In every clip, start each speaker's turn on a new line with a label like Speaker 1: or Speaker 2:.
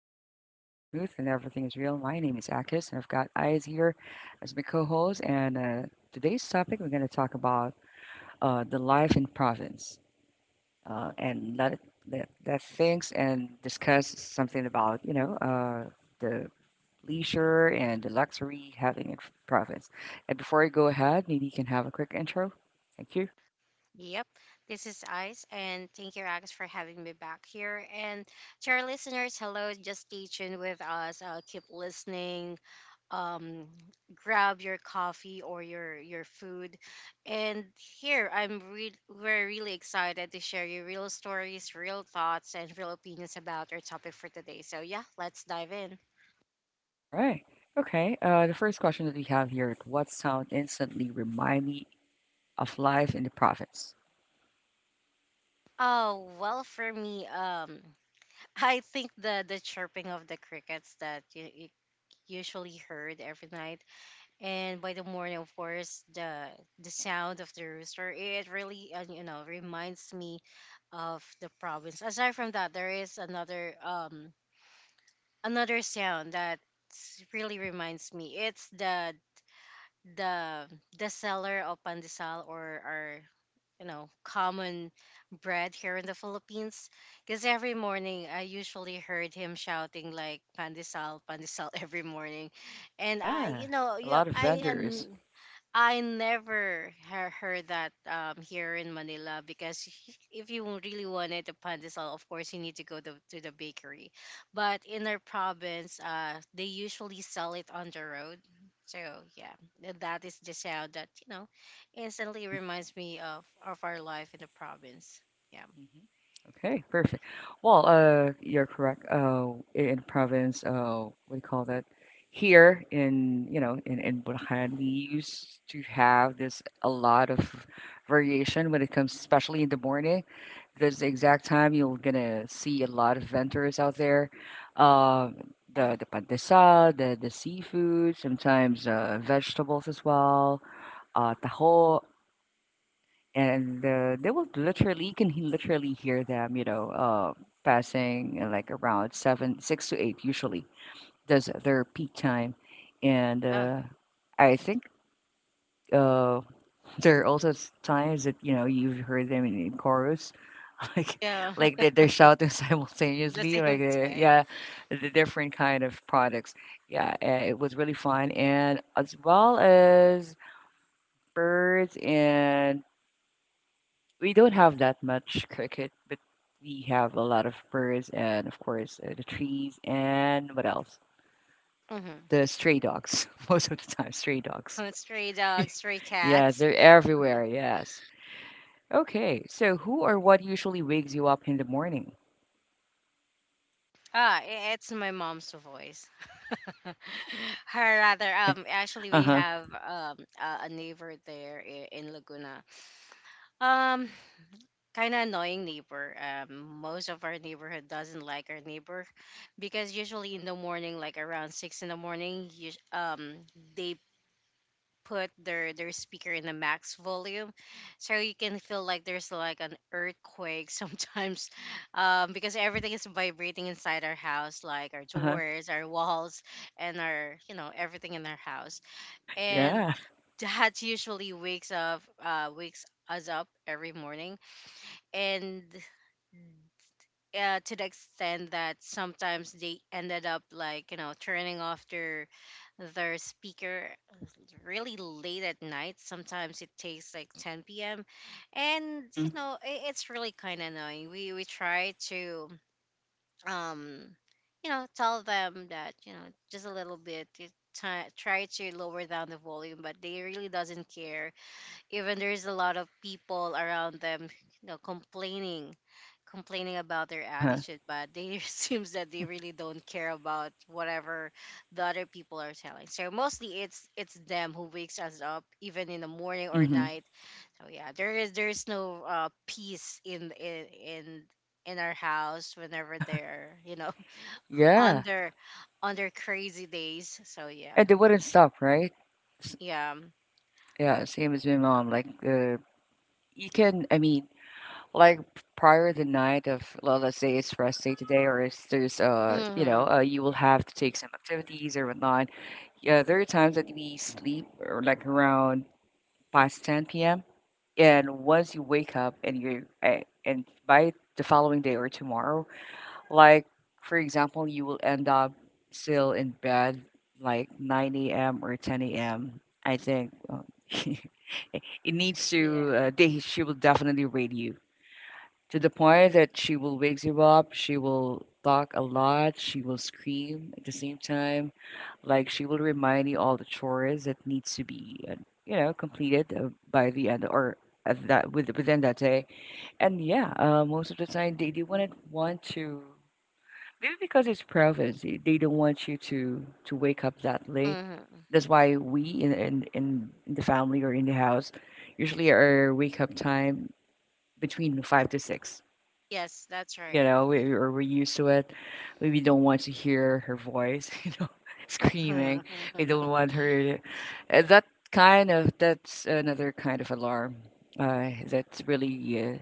Speaker 1: easy and the vibe stays smooth and everything is real. My name is Akis and I've got Eyes here as my co-host and today's topic we're going to talk about the life in province, and let that things and discuss something about the leisure and the luxury having in province. And before I go ahead, maybe you can have a quick intro. Thank you.
Speaker 2: Yep, this is Ice, and thank you, Alex, for having me back here. And to our listeners, hello, just stay tuned with us. Keep listening. Um, Grab your coffee or your food, and we're really excited to share you real stories, real thoughts, and real opinions about our topic for today. So yeah, let's dive in.
Speaker 1: All right. Okay. The first question that we have here, what sound instantly remind me of life in the province?
Speaker 2: Oh well, for me, I think the chirping of the crickets that you usually heard every night, and by the morning, of course, the sound of the rooster, it really reminds me of the province. Aside from that, there is another sound that really reminds me. It's the the seller of pandesal, or our common bread here in the Philippines, because every morning I usually heard him shouting like pandesal pandesal every morning. and i you
Speaker 1: Yeah,
Speaker 2: know
Speaker 1: a
Speaker 2: yeah
Speaker 1: lot of
Speaker 2: i
Speaker 1: vendors.
Speaker 2: and I never heard that here in Manila, because if you really wanted a pandesal, of course you need to go to the bakery. But in our province, they usually sell it on the road. So yeah, that is the sound that instantly
Speaker 1: Mhm.
Speaker 2: reminds me of our life in the province. Yeah,
Speaker 1: Okay, perfect. Well, you're correct. In province, what do you call that? Here in, you know, in Bulacan, we used to have this a lot of variation when it comes, especially in the morning. This exact time you're gonna see a lot of vendors out there. Uh,
Speaker 2: yeah,
Speaker 1: the pandesal, the seafood, sometimes vegetables as well, taho, and they will literally you can literally hear them, you know, passing like around seven, six to eight usually. That's their peak time, and
Speaker 2: um,
Speaker 1: uh, I think uh, there are also times that you know you've heard them in chorus like
Speaker 2: yeah.
Speaker 1: like they they're shouting
Speaker 2: The
Speaker 1: simultaneously like
Speaker 2: same time.
Speaker 1: yeah, the different kind of products, yeah. Uh, it was really fun, and as well as birds, and we don't have that much cricket, but we have a lot of birds, and of course the trees, and what else?
Speaker 2: Hmm.
Speaker 1: The stray dogs most of the time, stray dogs.
Speaker 2: Stray dogs, stray
Speaker 1: Yes,
Speaker 2: cats.
Speaker 1: they're everywhere, yes. Okay, so who or what usually wakes you up in the morning?
Speaker 2: Ah, it's my mom's voice. Her, rather, actually, we
Speaker 1: Uh-huh.
Speaker 2: have a neighbor there in Laguna. Um, Kind of annoying neighbor. Most of our neighborhood doesn't like our neighbor, because usually in the morning, like around six in the morning, they put their speaker in the max volume, so you can feel like there's like an earthquake sometimes, because everything is vibrating inside our house, like our
Speaker 1: Uh-huh.
Speaker 2: doors, our walls, and our, everything in our house. And
Speaker 1: Yeah.
Speaker 2: that usually wakes us up every morning. And, to the extent that sometimes they ended up like, you know, turning off their speaker really late at night, sometimes it takes like 10 p.m. And,
Speaker 1: Mm-hmm.
Speaker 2: you know I it's really kind of annoying. We try to um tell them that, you know, just a little bit, you try to lower down the volume, but they really doesn't care, even there's a lot of people around them, you know, complaining. Complaining about their
Speaker 1: Uh-huh.
Speaker 2: attitude, but they seems that they really don't care about whatever the other people are telling. So mostly it's them who wakes us up, even in the morning or
Speaker 1: Mhm.
Speaker 2: night. So yeah, there is, there's no peace in our house whenever they're, on
Speaker 1: Yeah.
Speaker 2: their, on their crazy days. So yeah.
Speaker 1: And they wouldn't stop, right? S-
Speaker 2: Yeah.
Speaker 1: Yeah, same as my mom. Like, you can, I mean, like prior the night of, well, let's say it's rest day today, or it's there's, you know,
Speaker 2: Mm-hmm.
Speaker 1: you will have to take some activities or whatnot. Yeah, there are times that we sleep or like around past 10 p.m. And once you wake up and you're, and by the following day or tomorrow, like, for example, you will end up still in bed like 9 a.m. or 10 a.m. I think it needs
Speaker 2: Yeah.
Speaker 1: to, they, she will definitely raid you to the point that she will wake you up. She will talk a lot. She will scream at the same time. Like, she will remind you all the chores that needs to be, you know, completed by the end or at that with, within that day. And yeah, most of the time they wouldn't want to. Maybe because it's province, they don't want you to wake up that late.
Speaker 2: Mm-hmm.
Speaker 1: That's why we in, in the family or in the house usually our wake up time between five to six.
Speaker 2: Yes, that's
Speaker 1: You
Speaker 2: right.
Speaker 1: know, we, or we're used to it. We don't want to hear her voice, you know, screaming. We don't want her. To, that kind of, that's another kind of alarm that's really uh,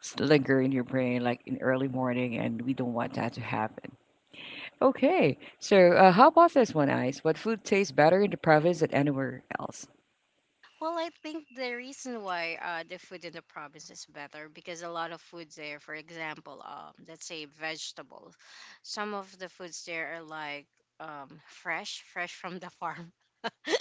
Speaker 1: linger in your brain, like in early morning, and we don't want that to happen. Okay. So, how about this one, Ice? What food tastes better in the province than anywhere else?
Speaker 2: Well, I think the reason why, the food in the province is better because a lot of foods there, for example, let's say vegetables, some of the foods there are like, fresh, fresh from the farm.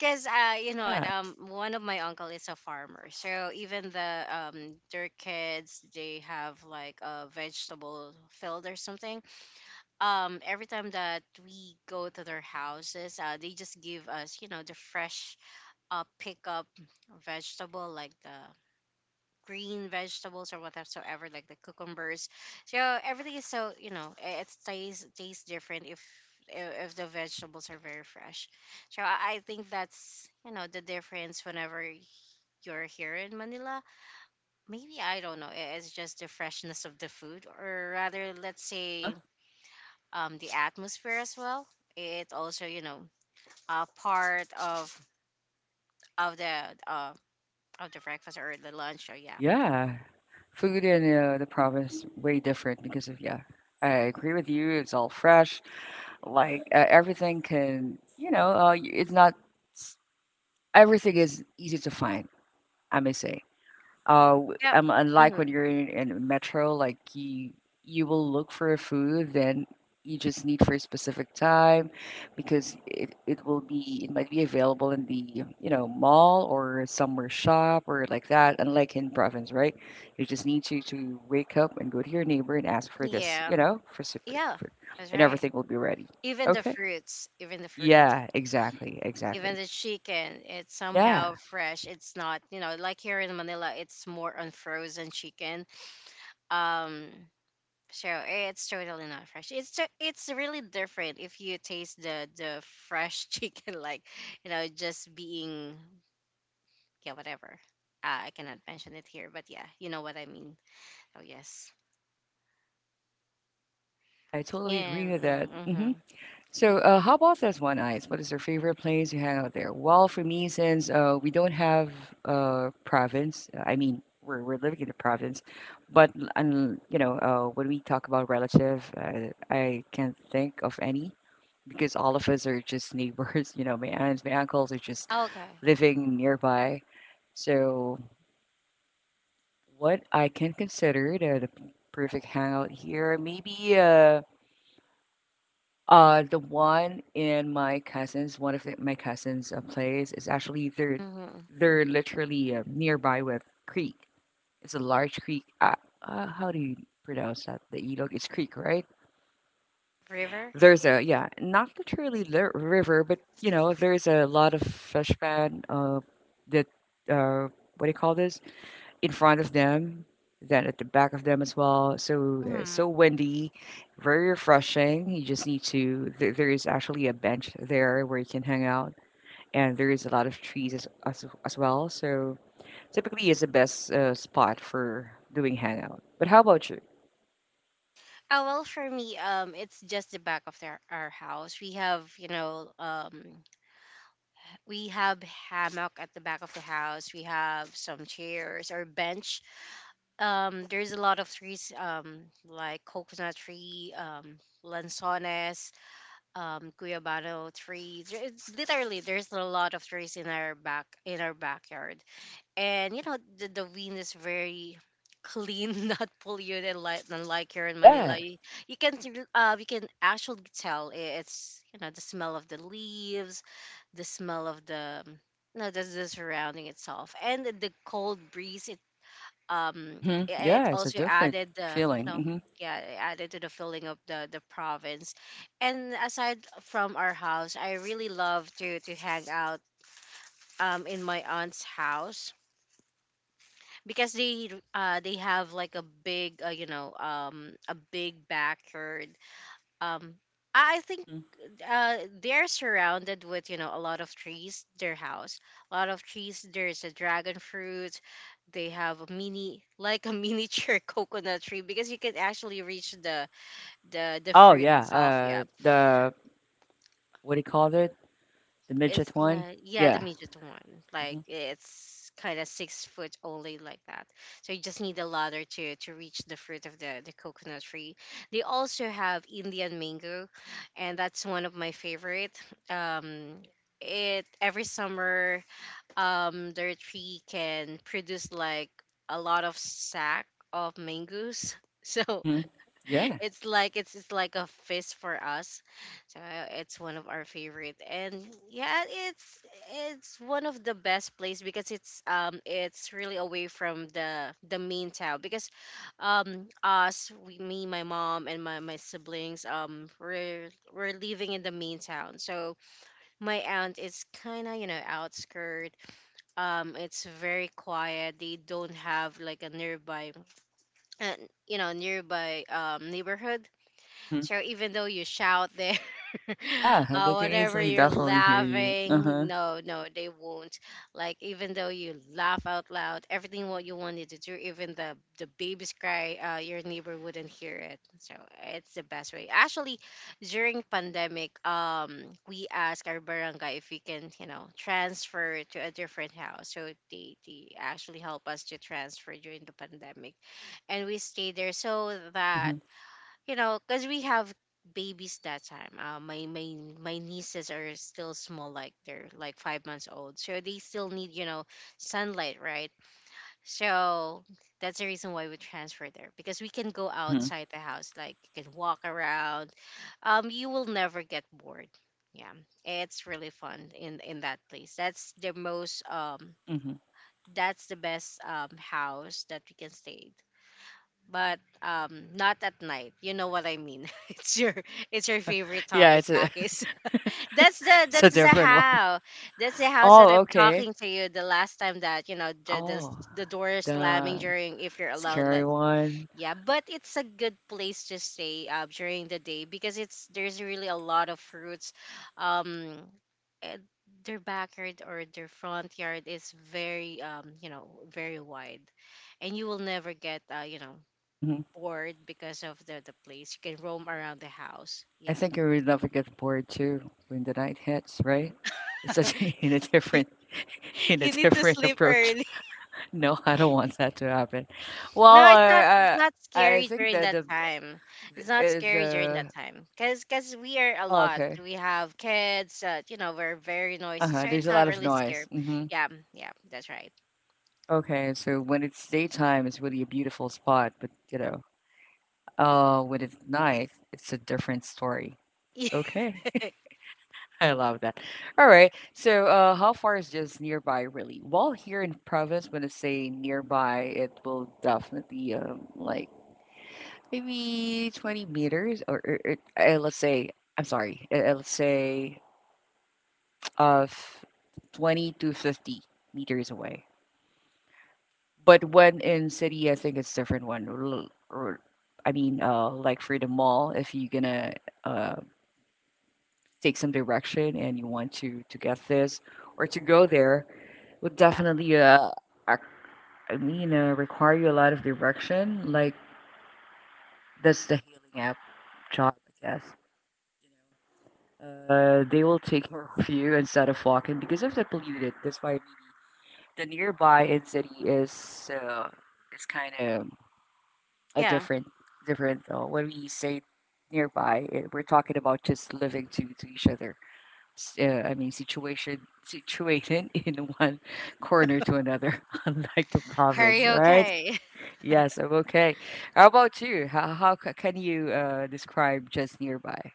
Speaker 2: Because, you know what,
Speaker 1: Yeah.
Speaker 2: one of my uncle is a farmer, so even their kids, they have like a vegetable field or something. Every time that we go to their houses, they just give us, you know, the fresh, pick up vegetable, like the green vegetables or whatsoever, like the cucumbers. So everything is so, it tastes different if, if the vegetables are very fresh. So I think that's, the difference whenever you're here in Manila. Maybe I don't know, it's just the freshness of the food. Or rather, let's
Speaker 1: Uh huh.
Speaker 2: say, the atmosphere as well, it also, you know, a part of the uh of the breakfast or the lunch. So yeah.
Speaker 1: Yeah. Food in the province way different because of, yeah. I agree with you. It's all fresh. Like everything can, you know, it's not. S- Everything is easy to find. I may say.
Speaker 2: Yep.
Speaker 1: Unlike
Speaker 2: Hmm.
Speaker 1: when you're in metro, like you will look for a food, then you just need for a specific time because it will be, it might be available in the you know mall or somewhere shop or like that. Unlike in province, right? You just need to wake up and go to your neighbor and ask for this,
Speaker 2: Yeah.
Speaker 1: you know, for super
Speaker 2: Yeah.
Speaker 1: for,
Speaker 2: That's
Speaker 1: and
Speaker 2: right.
Speaker 1: everything will be ready.
Speaker 2: Even the
Speaker 1: Okay.
Speaker 2: fruits, even the fruits,
Speaker 1: Yeah. Exactly.
Speaker 2: even
Speaker 1: Exactly.
Speaker 2: the chicken, it's somehow
Speaker 1: Yeah.
Speaker 2: fresh. It's not, you know, like here in Manila, it's more unfrozen chicken. Um, so eh, it's totally not fresh. It's really different if you taste the fresh chicken, like, you know, just being, yeah, whatever. I cannot mention it here, but yeah, you know what I mean. Oh yes.
Speaker 1: Yeah. I totally
Speaker 2: Yeah.
Speaker 1: agree with that. Hmm.
Speaker 2: Mm-hmm.
Speaker 1: So, how about this one, Ice? What is your favorite place you hang out there? Well, for me, since we don't have province, I mean, we're living in the province, but l- un you know, when we talk about relative, I can't think of any because all of us are just neighbors. You know, my aunts, my uncles are just
Speaker 2: Yeah. Okay.
Speaker 1: living nearby. So, what I can consider the perfect hangout here, maybe. The one in my cousins, one of the, my cousins' place is actually they're
Speaker 2: Mhm.
Speaker 1: they're literally nearby with creek. It's a large creek. How do you pronounce that? The Ilog, it's creek, right?
Speaker 2: River?
Speaker 1: There's a, yeah, not literally the river, but you know, there's a lot of fish pan. That uh, what do you call this? In front of them, then at the back of them as well. So
Speaker 2: Hmm.
Speaker 1: so windy, very refreshing. You just need to. There is actually a bench there where you can hang out, and there is a lot of trees as well. So typically, it's the best spot for doing hangout. But how about you?
Speaker 2: Oh, well, for me, it's just the back of their, our house. We have hammock at the back of the house. We have some chairs or bench. There's a lot of trees, like coconut tree, lanzones, guayabano trees. There- It's literally there's a lot of trees in our backyard. And, you know, the wind is very clean, not polluted. And like, unlike here in Manila,
Speaker 1: Yeah.
Speaker 2: you can actually tell, it's, the smell of the leaves, the smell of the surrounding itself, and the cold breeze, um
Speaker 1: Mm-hmm.
Speaker 2: i-
Speaker 1: Yeah,
Speaker 2: it
Speaker 1: it's a
Speaker 2: also
Speaker 1: different
Speaker 2: added the you know
Speaker 1: feeling.
Speaker 2: yeah it added to the feeling of the province. And aside from our house, I really love to hang out in my aunt's house, because they have like a big, you know, um, a big backyard. Um i I think
Speaker 1: Hmm. Hmm.
Speaker 2: they're surrounded with, a lot of trees. Their house, a lot of trees, there's a dragon fruit. They have a mini like a miniature coconut tree, because you can actually reach the
Speaker 1: Oh
Speaker 2: fruit
Speaker 1: yeah.
Speaker 2: itself. Yeah.
Speaker 1: The what do you call it? The
Speaker 2: It's
Speaker 1: midget one.
Speaker 2: like, yeah, the
Speaker 1: Yeah.
Speaker 2: midget one. Like,
Speaker 1: Hmm.
Speaker 2: it's kind of 6 foot only, like that. So you just need a ladder to reach the fruit of the coconut tree. They also have Indian mango, and that's one of my favorite. Um, it Every summer, their tree can produce like a lot of sack of mangoes. So
Speaker 1: Hmm. Yeah.
Speaker 2: it's like a feast for us. So it's one of our favorite, and yeah, it's one of the best place, because it's really away from the main town. Because, me, my mom, and my siblings, we're living in the main town. So my aunt is kind of, outskirt. It's very quiet. They don't have like a and nearby neighborhood. So even though you shout there,
Speaker 1: Yeah, they can
Speaker 2: whatever
Speaker 1: easily
Speaker 2: you're
Speaker 1: definitely hear you. Uh-huh.
Speaker 2: laughing, no, no, they won't. Like, even though you laugh out loud, everything what you wanted to do, even the baby's cry, your neighbor wouldn't hear it. So it's the best way. Actually, during pandemic, we asked our barangay if we can, you know, transfer to a different house. So they actually help us to transfer during the pandemic, and we stay there, so that,
Speaker 1: Mhm.
Speaker 2: because we have babies that time. My nieces are still small, like they're like 5 months old, so they still need, sunlight, right? So that's the reason why we transfer there, because we can go
Speaker 1: Mhm.
Speaker 2: outside the house, like you can walk around. You will never get bored. Yeah, it's really fun in that place. That's the most.
Speaker 1: Mhm.
Speaker 2: That's the best, house that we can stay. But, not at night, you know what I mean. It's your, it's your favorite
Speaker 1: Yeah,
Speaker 2: topic,
Speaker 1: it's a
Speaker 2: Akis. that's the
Speaker 1: it's a
Speaker 2: that's the
Speaker 1: different one.
Speaker 2: how that's the house that
Speaker 1: Oh,
Speaker 2: I'm
Speaker 1: okay.
Speaker 2: talking to you the last time, that, the the,
Speaker 1: Oh,
Speaker 2: the door is slamming
Speaker 1: the
Speaker 2: during, if you're alone,
Speaker 1: scary
Speaker 2: let's.
Speaker 1: one.
Speaker 2: Yeah, but it's a good place to stay, during the day, because it's there's really a lot of fruits. Um, eh, their backyard or their front yard is very wide, and you will never get,
Speaker 1: Mhm.
Speaker 2: bored because of the place. You can roam around the house.
Speaker 1: I
Speaker 2: Yeah,
Speaker 1: think you would never get bored too when the night hits, right? It's such in a different in a
Speaker 2: you need to
Speaker 1: different
Speaker 2: sleep
Speaker 1: approach.
Speaker 2: early.
Speaker 1: No, I don't want that to happen.
Speaker 2: No,
Speaker 1: Well,
Speaker 2: it's not. It's not
Speaker 1: I
Speaker 2: scary
Speaker 1: think
Speaker 2: during
Speaker 1: that
Speaker 2: that
Speaker 1: the
Speaker 2: time. It's not
Speaker 1: is
Speaker 2: scary during that
Speaker 1: uh,
Speaker 2: time, cause we are a
Speaker 1: oh,
Speaker 2: lot.
Speaker 1: okay.
Speaker 2: We have kids. You know, we're very noisy,
Speaker 1: Uh-huh.
Speaker 2: so
Speaker 1: There's
Speaker 2: it's
Speaker 1: a
Speaker 2: not
Speaker 1: lot of
Speaker 2: really scary.
Speaker 1: noise. Mhm.
Speaker 2: Yeah, yeah, that's right.
Speaker 1: Okay, so when it's daytime, it's really a beautiful spot, but you know, when it's night, it's a different story. Okay, I love that. All right, so how far is just nearby really? Well, here in province, when I say nearby, it will definitely like maybe 20 meters or let's say, I'm sorry, let's say of 20 to 50 meters away. But when in city, I think it's different one. L- Or, I mean, like for the mall, if you're gonna uh, take some direction and you want to get this or to go there, would
Speaker 2: Yeah,
Speaker 1: definitely ac- I mean, require you a lot of direction. Like that's the healing app job, I guess. They will take care of you instead of walking because of the polluted. That's why maybe the nearby in city uh, is kind of a
Speaker 2: yeah.
Speaker 1: different different when we say nearby it, we're talking about just living to each other. I mean situation situated in one corner to another unlike the
Speaker 2: Are
Speaker 1: province,
Speaker 2: you
Speaker 1: right?
Speaker 2: okay?
Speaker 1: Yes, I'm okay. How about you? How can you describe just nearby?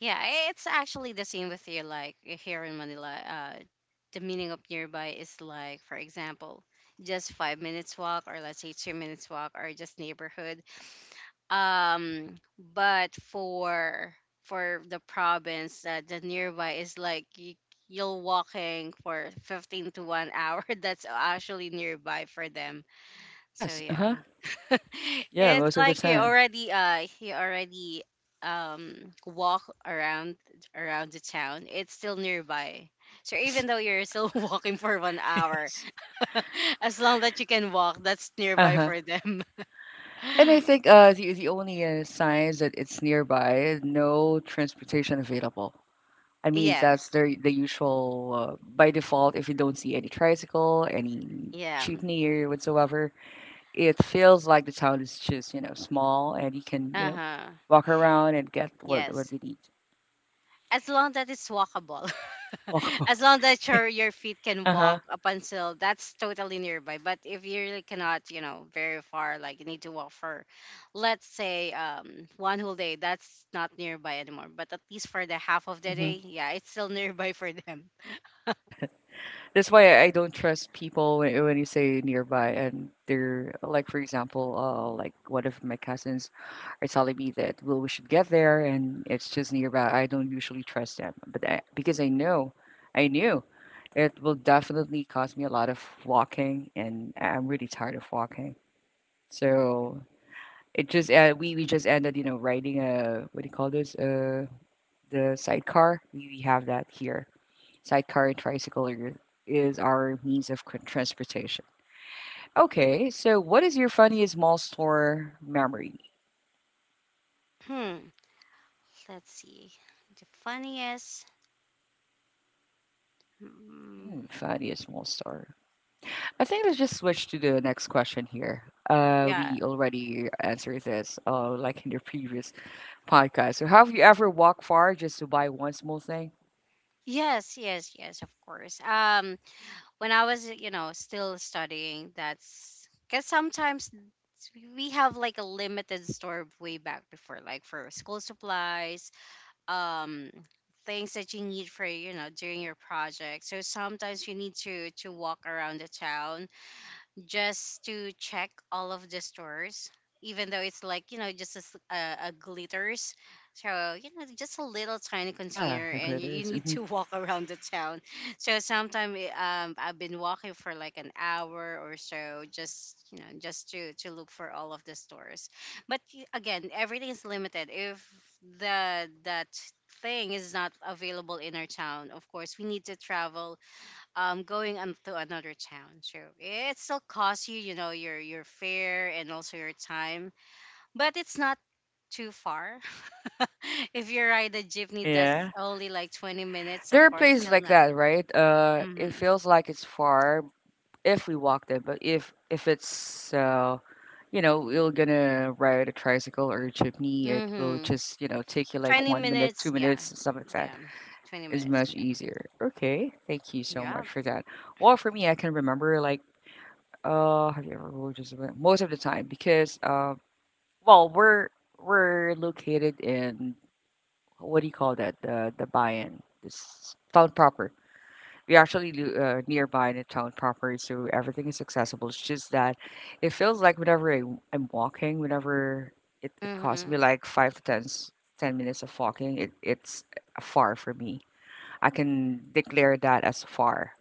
Speaker 2: Yeah, it's actually the same with you. Like here in Manila, the meaning of nearby is like, for example, just 5 minutes walk, or let's say 2 minutes walk, or just neighborhood. But for the province, the nearby is like you'll walking for 15 to 1 hour. That's actually nearby for them. So
Speaker 1: Yes.
Speaker 2: yeah.
Speaker 1: Uh-huh. Yeah,
Speaker 2: It's
Speaker 1: most of the
Speaker 2: like you
Speaker 1: time.
Speaker 2: already uh you already um walk around the town, it's still nearby. So even
Speaker 1: Yes.
Speaker 2: though you're still walking for one hour
Speaker 1: Yes.
Speaker 2: as long that you can walk, that's nearby
Speaker 1: Uh-huh.
Speaker 2: for them.
Speaker 1: And I think the only signs that it's nearby, no transportation available. I mean,
Speaker 2: Yeah,
Speaker 1: that's the usual by default. If you don't see any tricycle, any
Speaker 2: yeah.
Speaker 1: jeepney or whatsoever, it feels like the town is just you know small, and you can you know
Speaker 2: Uh-huh.
Speaker 1: walk around and get what
Speaker 2: Yes.
Speaker 1: you need.
Speaker 2: As long that it's walkable.
Speaker 1: Walk around.
Speaker 2: as long that your feet can
Speaker 1: Uh huh.
Speaker 2: walk up until that's totally nearby. But if you really cannot, you know, very far, like you need to walk for let's say one whole day, that's not nearby anymore. But at least for the half of the day,
Speaker 1: Hmm.
Speaker 2: yeah, it's still nearby for them.
Speaker 1: That's why I don't trust people when you say nearby and they're like, for example, like one of my cousins are telling me that, well, we should get there and it's just nearby. I don't usually trust them, but I, because I know, I knew it will definitely cost me a lot of walking and I'm really tired of walking. So it just, we just ended, you know, riding a, what do you call this? The sidecar. We have that here. Sidecar and tricycle are, is our means of transportation. Okay, so what is your funniest mall store memory?
Speaker 2: Hmm. Let's see. The funniest. Mm,
Speaker 1: Mm, funniest mall store. I think let's just switch to the next question here.
Speaker 2: yeah.
Speaker 1: We already answered this, like in the previous podcast. So, have you ever walked far just to buy one small thing?
Speaker 2: Yes, yes, yes, of course. When I was, you know, still studying, that's because sometimes we have like a limited store way back before, like for school supplies, um, things that you need for, you know, during your project. So sometimes you need to walk around the town just to check all of the stores even though it's like, you know, just a, a glitters. So, you know, just a little tiny
Speaker 1: Yeah,
Speaker 2: container
Speaker 1: the
Speaker 2: and you
Speaker 1: glitters.
Speaker 2: need
Speaker 1: Mhm.
Speaker 2: to walk around the town. So sometimes, I've been walking for like an hour or so, just, you know, just to look for all of the stores. But again, everything is limited. If the that thing is not available in our town, of course we need to travel, going on to another town. So it still costs you, you know, your fare and also your time. But it's not too far if you ride a jeepney. That's
Speaker 1: Yeah,
Speaker 2: only like 20 minutes. Of
Speaker 1: there are
Speaker 2: course,
Speaker 1: places
Speaker 2: still
Speaker 1: like
Speaker 2: not.
Speaker 1: that, right? It
Speaker 2: Mm-hmm.
Speaker 1: feels like it's far if we walk them, but if if it's you know, you're gonna ride a tricycle or a jeepney, it will
Speaker 2: Mm-hmm.
Speaker 1: just you know take you like
Speaker 2: 20
Speaker 1: 1 minute,
Speaker 2: minutes,
Speaker 1: two
Speaker 2: yeah.
Speaker 1: minutes, something like that.
Speaker 2: Yeah, 20
Speaker 1: Is
Speaker 2: minutes,
Speaker 1: much
Speaker 2: yeah.
Speaker 1: easier. Okay, thank you so
Speaker 2: Yeah,
Speaker 1: much for that. Well, for me, I can remember like have you ever most of the time because uh, well, we're we're located in what do you call that? The buy-in, this town proper. We actually do, nearby in the town proper, so everything is accessible. It's just that it feels like I'm walking, whenever it costs
Speaker 2: mm-hmm.
Speaker 1: me like five to 10 minutes of walking, it's far for me. I can declare that as far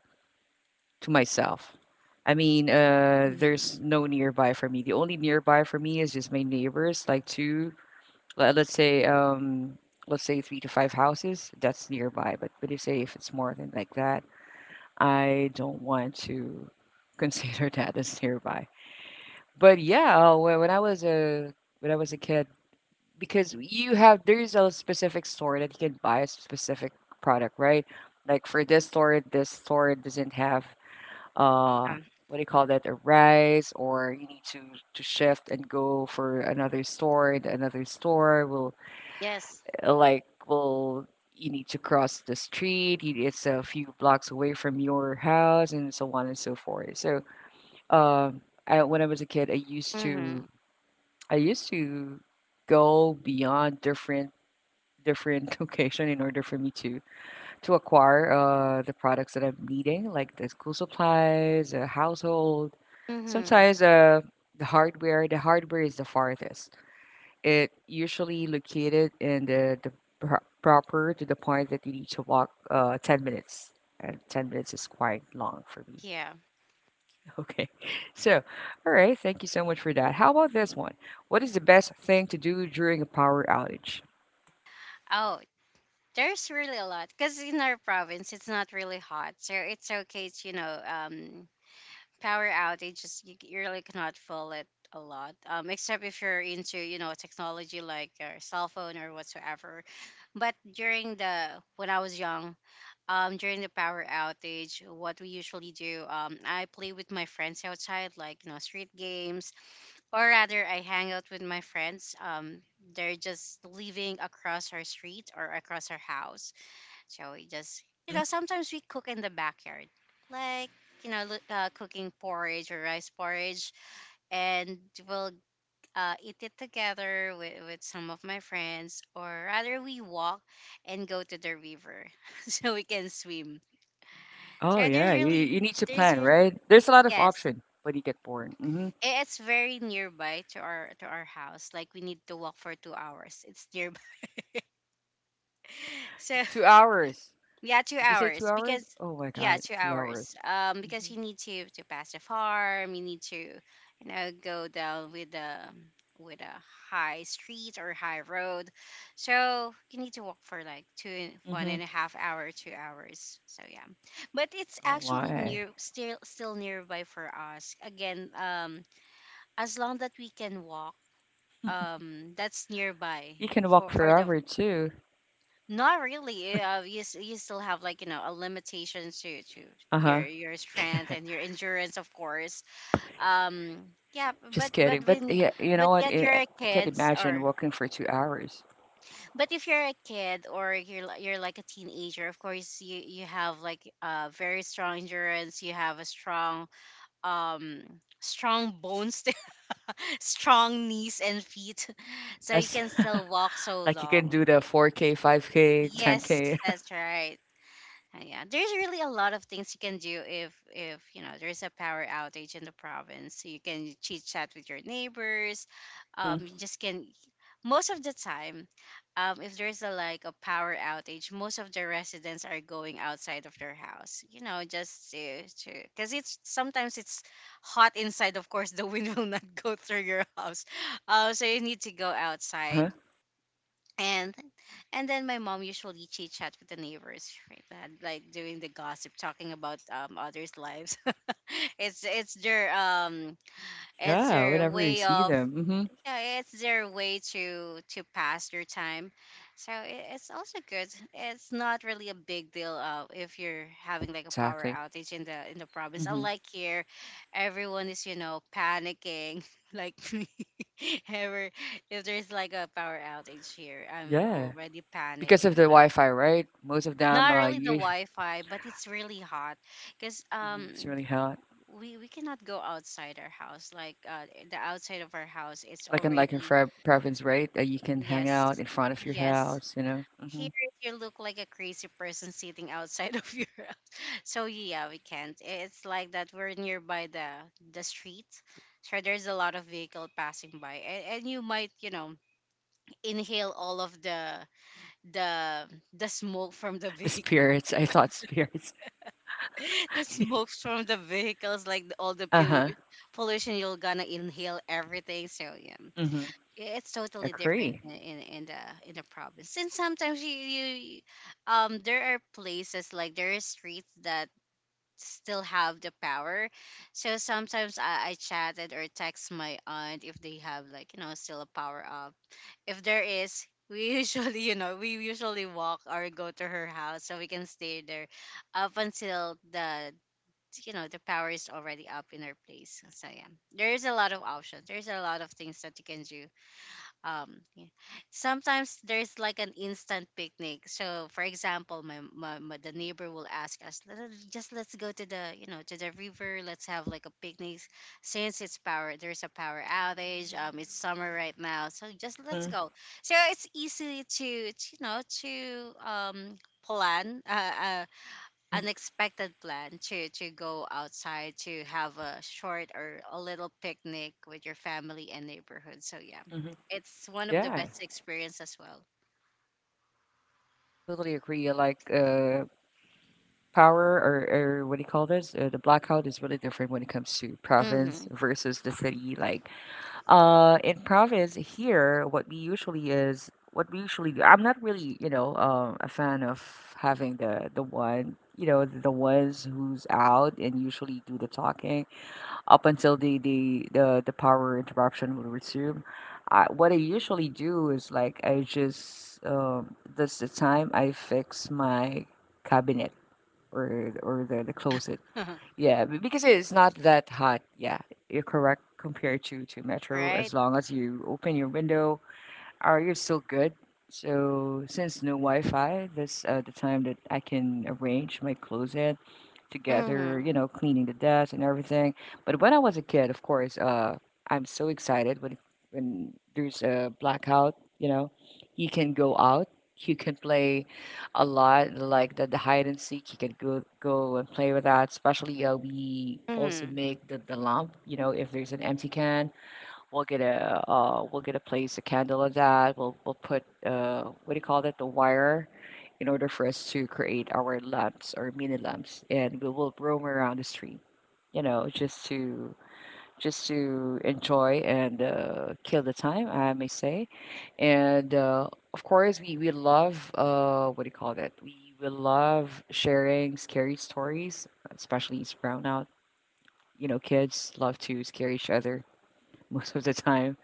Speaker 1: to myself.
Speaker 2: Mm-hmm.
Speaker 1: There's no nearby for me. The only nearby for me is just my neighbors, like two, le- let's say three to five houses. That's nearby. But you say if it's more than like that, I don't want to consider that as nearby. But yeah, when I was a kid, because you have there is a specific store that you can buy a specific product, right? Like for this store doesn't have uh
Speaker 2: Um,
Speaker 1: what do you call that, a rice, or you need to shift and go for another store, and another store
Speaker 2: yes.
Speaker 1: will you need to cross the street, it's a few blocks away from your house, and so on and so forth. So um, I, when I was a kid,
Speaker 2: Mm-hmm.
Speaker 1: I used to go beyond different location in order for me to acquire the products that I'm needing, like the school supplies, household.
Speaker 2: Mm-hmm.
Speaker 1: Sometimes the hardware. The hardware is the farthest. It usually located in the pro- proper, to the point that you need to walk 10 minutes. And 10 minutes is quite long for me.
Speaker 2: Yeah.
Speaker 1: Okay, so all right. Thank you so much for that. How about this one? What is the best thing to do during a power outage?
Speaker 2: Oh, there's really a lot because in our province it's not really hot, so it's okay. To, you know, power outages, you really cannot feel it a lot, except if you're into, you know, technology like your cell phone or whatsoever. But during the when I was young, during the power outage, what we usually do, I play with my friends outside, like, you know, street games, or rather I hang out with my friends. They're just living across our street or across our house, so we just, you
Speaker 1: Hmm.
Speaker 2: know, sometimes we cook in the backyard, like, you know, cooking porridge or rice porridge, and we'll eat it together with, some of my friends, or rather, we walk and go to the river so we can swim.
Speaker 1: Oh
Speaker 2: So
Speaker 1: yeah, you need to
Speaker 2: there's
Speaker 1: plan,
Speaker 2: really,
Speaker 1: right? There's a lot of
Speaker 2: yes,
Speaker 1: option, but you get bored. Hmm.
Speaker 2: it's very nearby to our house. Like we need to walk for 2 hours. It's nearby. So
Speaker 1: 2 hours.
Speaker 2: yeah, two
Speaker 1: Did you say two
Speaker 2: hours
Speaker 1: hours?
Speaker 2: because
Speaker 1: Oh my
Speaker 2: yeah,
Speaker 1: god,
Speaker 2: two
Speaker 1: two
Speaker 2: hours.
Speaker 1: hours.
Speaker 2: Because
Speaker 1: Hmm.
Speaker 2: you need to pass the farm, you need to, you know, go down with the with a high street or high road, so you need to walk for like 2, 1
Speaker 1: Hmm.
Speaker 2: and a half hour, 2 hours. So yeah, but it's
Speaker 1: Oh
Speaker 2: actually
Speaker 1: my.
Speaker 2: near, still still nearby for us. Again, as long that we can walk, that's nearby
Speaker 1: You can walk
Speaker 2: for the
Speaker 1: forever too.
Speaker 2: not really. You you still have, like, you know, a limitation to
Speaker 1: Uh huh.
Speaker 2: your strength and your endurance, of course. Yeah,
Speaker 1: Just
Speaker 2: but
Speaker 1: kidding. But
Speaker 2: when
Speaker 1: yeah, you know
Speaker 2: but
Speaker 1: what?
Speaker 2: yet you're a
Speaker 1: I can't
Speaker 2: kids
Speaker 1: imagine
Speaker 2: or
Speaker 1: walking for 2 hours.
Speaker 2: but if you're a kid or you're you're like a teenager, of course you have like, uh, very strong endurance. You have a strong um strong bones, strong knees and feet, so you
Speaker 1: Yes,
Speaker 2: can still walk so
Speaker 1: like you can do
Speaker 2: long.
Speaker 1: the 4K, 5K,
Speaker 2: Yes,
Speaker 1: 10K.
Speaker 2: that's right. Yeah, there's really a lot of things you can do if you know there's a power outage in the province. So you can chit chat with your neighbors.
Speaker 1: Hmm.
Speaker 2: You just can. Most of the time, if there's a like a power outage, most of the residents are going outside of their house. You know, just to because it's sometimes it's hot inside. Of course, the wind will not go through your house. So you need to go
Speaker 1: Uh
Speaker 2: outside
Speaker 1: huh.
Speaker 2: and then my mom usually chit chat with the neighbors, right, that like doing the gossip, talking about, others' lives. It's their it's
Speaker 1: Yeah,
Speaker 2: their
Speaker 1: whenever you
Speaker 2: way
Speaker 1: see
Speaker 2: of
Speaker 1: them. Hmm.
Speaker 2: yeah, it's their way to pass their time. So it's also good. It's not really a big deal, if you're having like a power
Speaker 1: Exactly.
Speaker 2: outage in the province.
Speaker 1: Hmm.
Speaker 2: Unlike here, everyone is, you know, panicking like me. Ever if there's like a power outage here, I'm
Speaker 1: Yeah.
Speaker 2: already
Speaker 1: Because of the
Speaker 2: panicking. But
Speaker 1: Wi Fi, right? Most of them
Speaker 2: not really the
Speaker 1: use.
Speaker 2: Wi-Fi, but it's really hot because
Speaker 1: Mhm. It's really hot.
Speaker 2: we cannot go outside our house. Like, the outside of our house, it's
Speaker 1: Like in
Speaker 2: already
Speaker 1: Fra- province, right? You can hang
Speaker 2: yes.
Speaker 1: out in front of your
Speaker 2: Yes.
Speaker 1: house, you know.
Speaker 2: Here
Speaker 1: Hmm.
Speaker 2: is, you look like a crazy person sitting outside of your house. So yeah, we can't. It's like that we're nearby the street. So there's a lot of vehicle passing by and, you might, you know, inhale all of the the smoke from the
Speaker 1: The
Speaker 2: vehicle.
Speaker 1: spirits. I thought spirits.
Speaker 2: The smoke from the vehicles, like the, all the
Speaker 1: Uh huh.
Speaker 2: pollution, you're gonna inhale everything. So yeah,
Speaker 1: Hmm.
Speaker 2: yeah, it's totally different
Speaker 1: Agree.
Speaker 2: in, in the province. And sometimes you, um, there are places, like there are streets that still have the power. So sometimes I chatted or text my aunt if they have, like, you know, still a power up. If there is, we usually you know, we usually walk or go to her house so we can stay there up until the, you know, the power is already up in our place. So yeah, there's a lot of options. There's a lot of things that you can do. Yeah. Sometimes there's like an instant picnic. So for example, my the neighbor will ask us, "Let just let's go to the, you know, to the river. Let's have like a picnic since it's power, there's a power outage, it's summer right now, so just let's
Speaker 1: Hmm.
Speaker 2: go." So it's easy to, you know, to plan,
Speaker 1: Hmm.
Speaker 2: unexpected plan to go outside, to have a short or a little picnic with your family and neighborhood. So yeah,
Speaker 1: Hmm.
Speaker 2: it's one of the
Speaker 1: Yeah,
Speaker 2: best experience as well.
Speaker 1: I totally agree. Like power or what do you call this? The blackout is really different when it comes to province
Speaker 2: Mm-hmm.
Speaker 1: versus the city. Like uh, in province here, what we usually is what we usually do. I'm not really, you know, a fan of having the one, you know, the ones who's out and usually do the talking up until the power interruption will resume. I, what I usually do is like I just that's the time I fix my cabinet or the closet. Yeah, b- because it's not that hot. Yeah, you're correct compared to metro.
Speaker 2: Right.
Speaker 1: As long as you open your window, are you still good? So since no Wi-Fi, this the time that I can arrange my closet together,
Speaker 2: Mm-hmm.
Speaker 1: you know, cleaning the desk and everything. But when I was a kid, of course, I'm so excited when there's a blackout. You know, you can go out, you can play a lot, like the hide and seek. You can go and play with that. Especially, we also
Speaker 2: Mm-hmm.
Speaker 1: make the lamp. You know, if there's an empty can, we'll get a we'll get a place, a candle of that. We'll put what do you call that? The wire, in order for us to create our lamps or mini lamps, and we will roam around the street. You know, just to enjoy and kill the time, I may say. And of course, we love what do you call that? We love sharing scary stories, especially around out. You know, kids love to scare each other most of the time.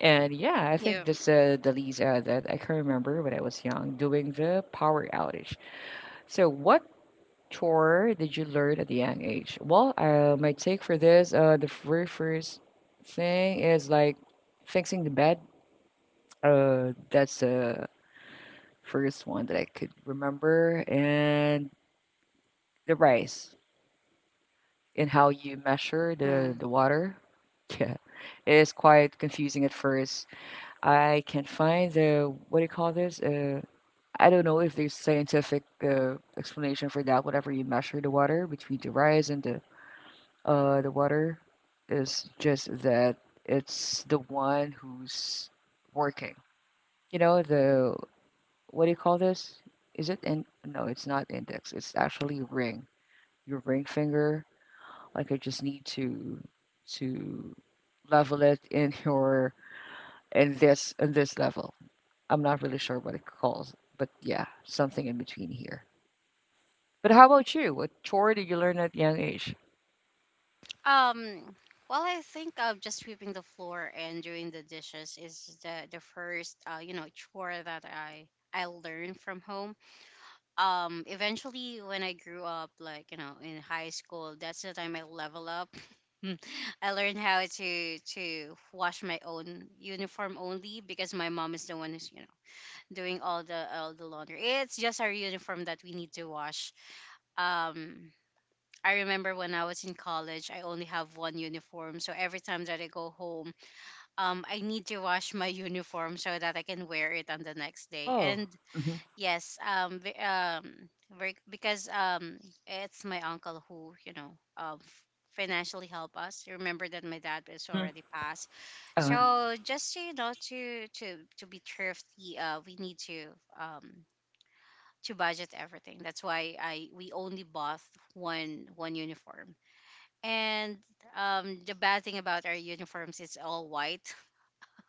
Speaker 1: And yeah, I
Speaker 2: Yeah.
Speaker 1: think this the least that I can remember when I was young doing the power outage. So, what chore did you learn at a young age? Well, my take for this, the very first thing is like fixing the bed. That's the first one that I could remember, and the rice, and how you measure the
Speaker 2: Mm.
Speaker 1: the water. Yeah, it is quite confusing at first. I can find the what do you call this? I don't know if there's scientific explanation for that. Whenever you measure the water between the rise and the water, is just that it's the one who's working. You know the what do you call this? Is it in? No, it's not index. It's actually ring. Your ring finger. Like I just need to level it in your in this level. I'm not really sure what it calls, but yeah, something in between here. But how about you? What chore did you learn at young age?
Speaker 2: Um, well, I think, just sweeping the floor and doing the dishes is the first, you know, chore that I learned from home. Eventually when I grew up, like, you know, in high school, that's the time I level up. I learned how to wash my own uniform only because my mom is the one who's, you know, doing all the laundry. It's just our uniform that we need to wash. um I remember when I was in college, I only have one uniform. So every time that I go home, I need to wash my uniform so that I can wear it on the next day.
Speaker 1: Oh.
Speaker 2: And
Speaker 1: Mhm.
Speaker 2: yes, very, because, it's my uncle who, you know, um, f- financially help us. Remember that my dad is
Speaker 1: Mhm.
Speaker 2: already passed,
Speaker 1: Uh
Speaker 2: so just to, you know, to be thrifty, we need um to budget everything. That's why I we only bought one uniform. And, the bad thing about our uniforms is all white.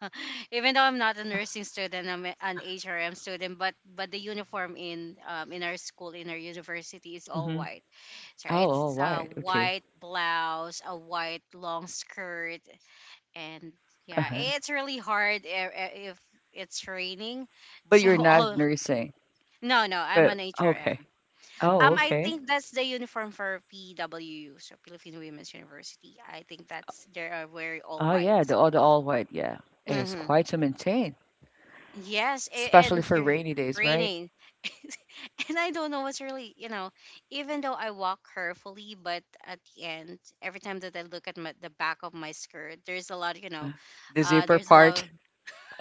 Speaker 2: Even though I'm not a
Speaker 1: huh.
Speaker 2: nursing student, I'm an HRM student, but the uniform in, in our school, in our university, is all
Speaker 1: Mhm.
Speaker 2: white. So
Speaker 1: Oh,
Speaker 2: it's
Speaker 1: all
Speaker 2: a
Speaker 1: right. Okay.
Speaker 2: white blouse, a white long skirt, and
Speaker 1: Uh
Speaker 2: yeah,
Speaker 1: huh.
Speaker 2: it's really hard if it's raining.
Speaker 1: But
Speaker 2: So
Speaker 1: you're not
Speaker 2: all
Speaker 1: nursing.
Speaker 2: no, no, I'm
Speaker 1: But
Speaker 2: an HRM.
Speaker 1: okay. Oh,
Speaker 2: I
Speaker 1: okay.
Speaker 2: think that's the uniform for PWU, so Philippine Women's University. I think that's they are very all
Speaker 1: Oh yeah,
Speaker 2: white.
Speaker 1: the all white. Yeah, it's
Speaker 2: Mhm.
Speaker 1: quite to maintain,
Speaker 2: Yes,
Speaker 1: especially
Speaker 2: and
Speaker 1: for
Speaker 2: you're
Speaker 1: rainy days, right?
Speaker 2: raining. And I don't know what's really, you know, even though I walk carefully, but at the end, every time that I look at my, the back of my skirt, there's a lot, you know,
Speaker 1: Uh, the zipper
Speaker 2: there's a lot,
Speaker 1: part.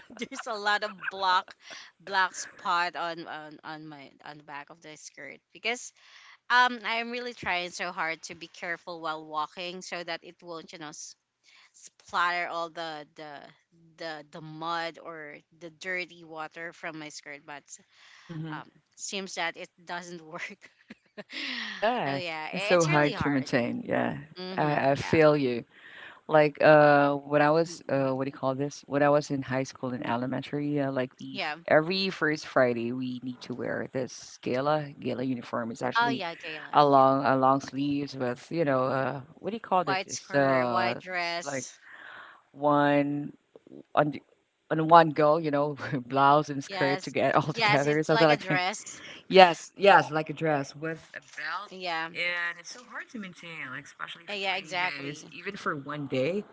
Speaker 2: there's a lot of black, black spot on the back of the skirt because, I'm really trying so hard to be careful while walking so that it won't, you know, splatter all the mud or the dirty water from my skirt. But
Speaker 1: Mhm.
Speaker 2: um seems that it doesn't work. Oh
Speaker 1: Yeah,
Speaker 2: yeah,
Speaker 1: it's so
Speaker 2: it's really
Speaker 1: hard to
Speaker 2: hard.
Speaker 1: maintain. Yeah,
Speaker 2: Mm-hmm,
Speaker 1: I
Speaker 2: yeah.
Speaker 1: feel you. Like when I was
Speaker 2: Mm-mm.
Speaker 1: what do you call this? When I was in high school and elementary, like we f-
Speaker 2: Yeah,
Speaker 1: every first Friday we need to wear this gala gala uniform. It's
Speaker 2: oh
Speaker 1: actually
Speaker 2: yeah, gala, yeah.
Speaker 1: a long sleeves with you know what do you call it?
Speaker 2: White skirt, white
Speaker 1: It's like
Speaker 2: dress.
Speaker 1: one on the- on one go, you know, blouse and skirt to
Speaker 2: Yes,
Speaker 1: get all
Speaker 2: yes,
Speaker 1: together,
Speaker 2: it's
Speaker 1: something
Speaker 2: like a
Speaker 1: like that.
Speaker 2: dress.
Speaker 1: Yes, yes, like a dress with a belt.
Speaker 2: Yeah.
Speaker 1: And it's so hard to maintain, like especially if it
Speaker 2: Yeah,
Speaker 1: rainy days,
Speaker 2: exactly.
Speaker 1: even for one day.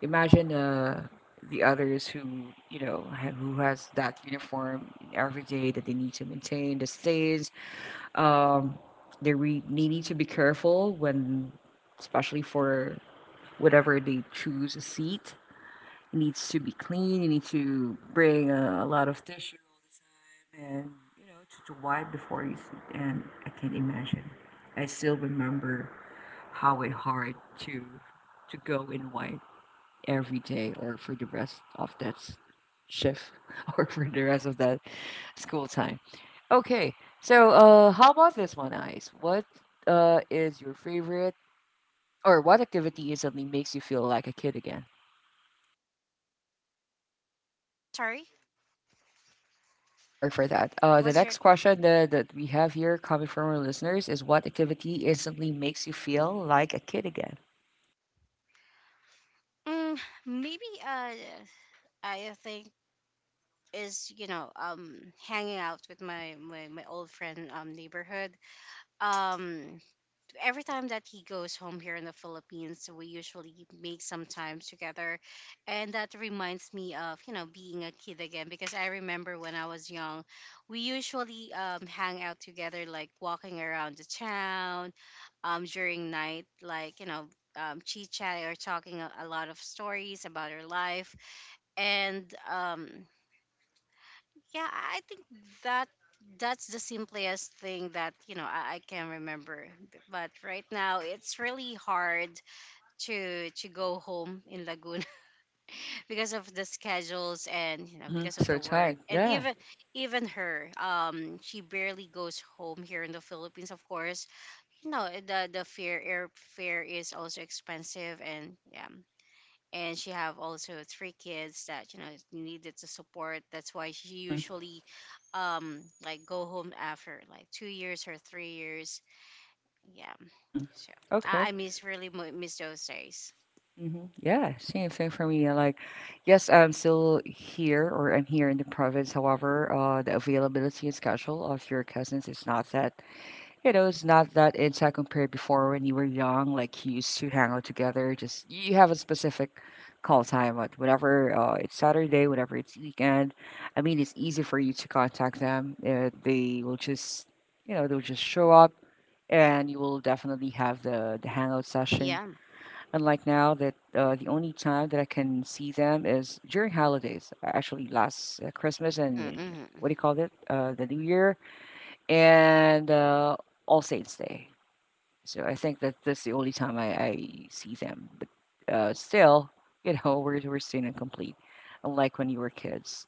Speaker 1: Imagine the others who you know ha- who has that uniform every day that they need to maintain the stains. Um, they re- they need to be careful when, especially for whatever they choose a seat. It needs to be clean. You need to bring a lot of tissue all the time, and you know to wipe before you sleep. And I can't imagine. I still remember how it hard to to go and wipe every day or for the rest of that s- shift or for the rest of that school time. Okay, so how about this one, Ice? What is your favorite or what activity instantly makes you feel like a kid again?
Speaker 2: Sorry.
Speaker 1: Sorry for that.
Speaker 2: What's
Speaker 1: The
Speaker 2: your
Speaker 1: next question that, that we have here coming from our listeners is what activity instantly makes you feel like a kid again?
Speaker 2: mm, maybe, I think is, you know, hanging out with my old friend, neighborhood. um every time that he goes home here in the Philippines, we usually make some time together. And that reminds me of, you know, being a kid again because I remember when I was young, we usually hang out together, like walking around the town during night, like, you know, chit chat or talking a lot of stories about our life. And, yeah, I think that that's the simplest thing that you know I can remember. But right now, it's really hard to go home in Laguna because of the schedules and you know because
Speaker 1: Mm-hmm.
Speaker 2: of the
Speaker 1: So,
Speaker 2: work
Speaker 1: time.
Speaker 2: and
Speaker 1: Yeah.
Speaker 2: even her. She barely goes home here in the Philippines. Of course, you know the fare airfare is also expensive. And yeah, and she have also three kids that you know needed to support. That's why she
Speaker 1: Mm-hmm.
Speaker 2: usually like go home after like two years or three years. Yeah.
Speaker 1: Mm-hmm.
Speaker 2: So
Speaker 1: Okay.
Speaker 2: I miss really miss those days.
Speaker 1: Hmm. Yeah, same, same for me. Like, yes, I'm still here or I'm here in the province. However, the availability and schedule of your cousins is not that, you know, it's not that intact compared before when you were young. Like, you used to hang out together. Just you have a specific call time at whenever it's Saturday, whenever it's weekend. I mean, it's easy for you to contact them. They will just, you know, they'll just show up, and you will definitely have the hangout session.
Speaker 2: Yeah.
Speaker 1: Unlike now, that the only time that I can see them is during holidays. Actually, last Christmas and
Speaker 2: Mm-hmm.
Speaker 1: what do you call it? The New Year and All Saints Day. So I think that that's the only time I see them. But still, you know, we're still incomplete. Unlike when you were kids,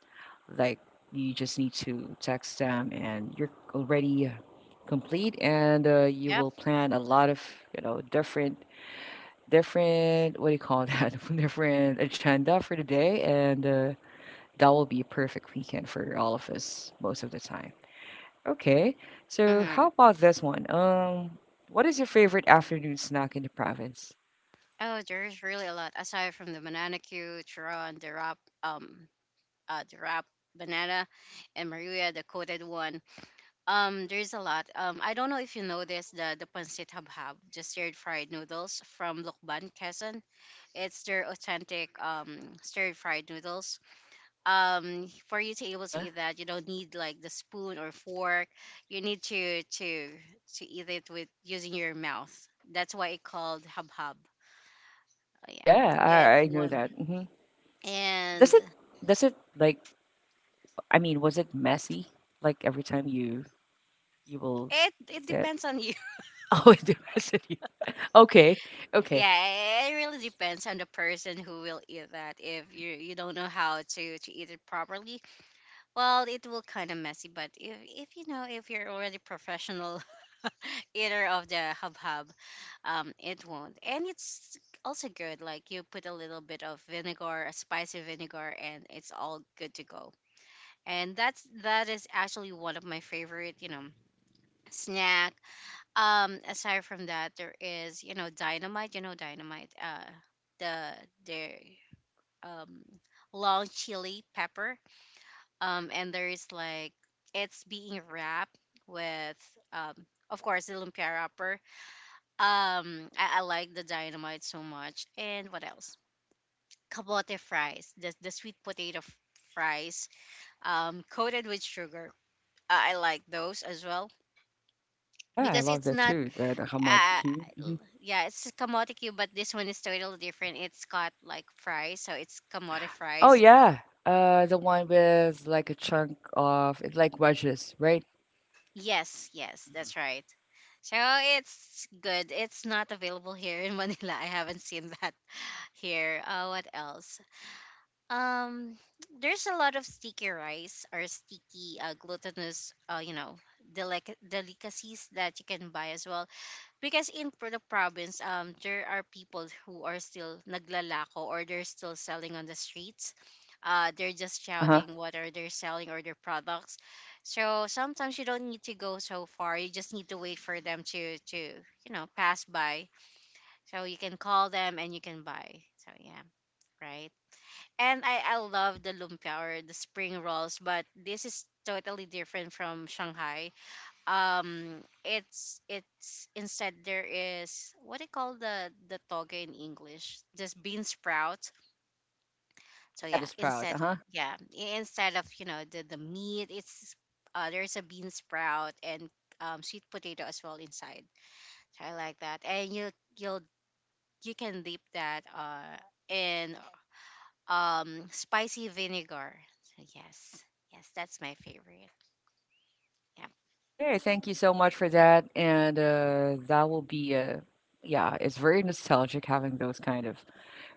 Speaker 1: like you just need to text them and you're already complete, and you
Speaker 2: Yep.
Speaker 1: will plan a lot of you know different what do you call that? different agenda for the day, and that will be a perfect weekend for all of us most of the time. Okay, so how
Speaker 2: Mm-hmm.
Speaker 1: about this one? What is your favorite afternoon snack in the province?
Speaker 2: Oh, there's really a lot aside from the banana cue Chiron, the wrap. The wrap, banana, and maria the coated one. There's a lot. I don't know if you know this, the pancit habhab, just stir fried noodles from Lukban, Quezon. It's their authentic stir fried noodles. For you to
Speaker 1: Uh
Speaker 2: able to
Speaker 1: huh.
Speaker 2: eat that, you don't need like the spoon or fork. You need to eat it with using your mouth. That's why it called habhab. Oh,
Speaker 1: Oh
Speaker 2: yeah,
Speaker 1: yeah,
Speaker 2: it's
Speaker 1: I know
Speaker 2: one,
Speaker 1: that. Hmm. Does
Speaker 2: and
Speaker 1: it does it like I mean, was it messy? Like every time you you will
Speaker 2: it
Speaker 1: eat it.
Speaker 2: depends on you.
Speaker 1: Oh, it messes you. Okay, okay.
Speaker 2: Yeah, it really depends on the person who will eat that. If you don't know how to eat it properly, well, it will kind of messy. But if you know, if you're already professional eater of the hubhub, it won't. And it's also good. Like you put a little bit of vinegar, a spicy vinegar, and it's all good to go. And that is actually one of my favorite, you know, snack. Aside from that, there is you know dynamite, you know dynamite, the their um long chili pepper, and there is like it's being wrapped with, um of course, the lumpia wrapper. I like the dynamite so much. And what else? Kabote fries, the sweet potato fries coated with sugar. I like those as well
Speaker 1: Yeah, I
Speaker 2: because
Speaker 1: love
Speaker 2: it's
Speaker 1: that
Speaker 2: not,
Speaker 1: too. That the hamad
Speaker 2: uh,
Speaker 1: Q.
Speaker 2: yeah, it's kamote cube, but this one is totally different. It's got like fries, so it's kamote
Speaker 1: Oh
Speaker 2: fries.
Speaker 1: yeah. The one with like a chunk of it's like wedges, right?
Speaker 2: Yes, yes, that's right. So it's good. It's not available here in Manila. I haven't seen that here. What else? Um, there's a lot of sticky rice or sticky glutinous, you know, delicacies that you can buy as well. Because the province, um, there are people who are still naglalako or they're still selling on the streets. Uh, they're just
Speaker 1: Uh-huh.
Speaker 2: shouting what are they selling or their products. So sometimes you don't need to go so far. You just need to wait for them to you know pass by, so you can call them and you can buy. So yeah, right. And I love the lumpia or the spring rolls, but this is totally different from shanghai. It's instead, there is, what do you call the toge in english, this bean sprout. So
Speaker 1: Yeah,
Speaker 2: yeah,
Speaker 1: the sprout.
Speaker 2: instead,
Speaker 1: Uh-huh.
Speaker 2: yeah, instead of you know the meat, it's, there's a bean sprout and, sweet potato as well inside. So I like that. And you'll you can dip that in, um, spicy vinegar. So yes, yes, that's my favorite. Yeah.
Speaker 1: Okay, thank you so much for that. And that will be yeah, it's very nostalgic having those kind of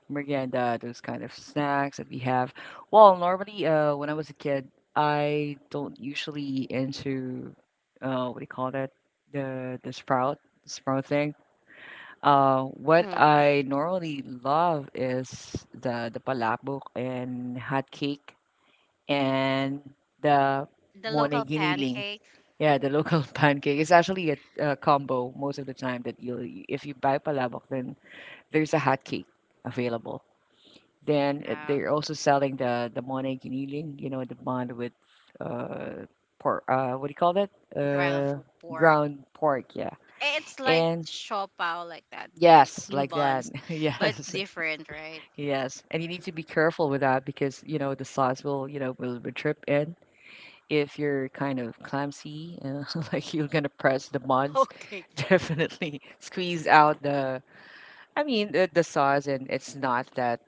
Speaker 1: merienda, those kind of snacks that we have. Well, normally when I was a kid, I don't usually into what do you call that? The sprout, the sprout thing. What
Speaker 2: Mm.
Speaker 1: I normally love is the palabok and hot cake and the
Speaker 2: The local
Speaker 1: moneginiling.
Speaker 2: pancake.
Speaker 1: Yeah, the local pancake. It's actually a combo most of the time that you'll if you buy palabok, then there's a hot cake available. Then
Speaker 2: Yeah.
Speaker 1: they're also selling the moneginiling, you know, the bond with uh pork. What do you call that?
Speaker 2: Ground for pork.
Speaker 1: Ground pork. Yeah,
Speaker 2: Eh, it's like
Speaker 1: and
Speaker 2: show pao like that,
Speaker 1: yes,
Speaker 2: steam
Speaker 1: like that.
Speaker 2: buns, but it's
Speaker 1: Yes.
Speaker 2: different, right?
Speaker 1: Yes, and you need to be careful with that because you know the sauce will, you know, will, drip in if you're kind of clumsy, like you're gonna press the buttons,
Speaker 2: Okay.
Speaker 1: definitely squeeze out the. I mean the sauce, and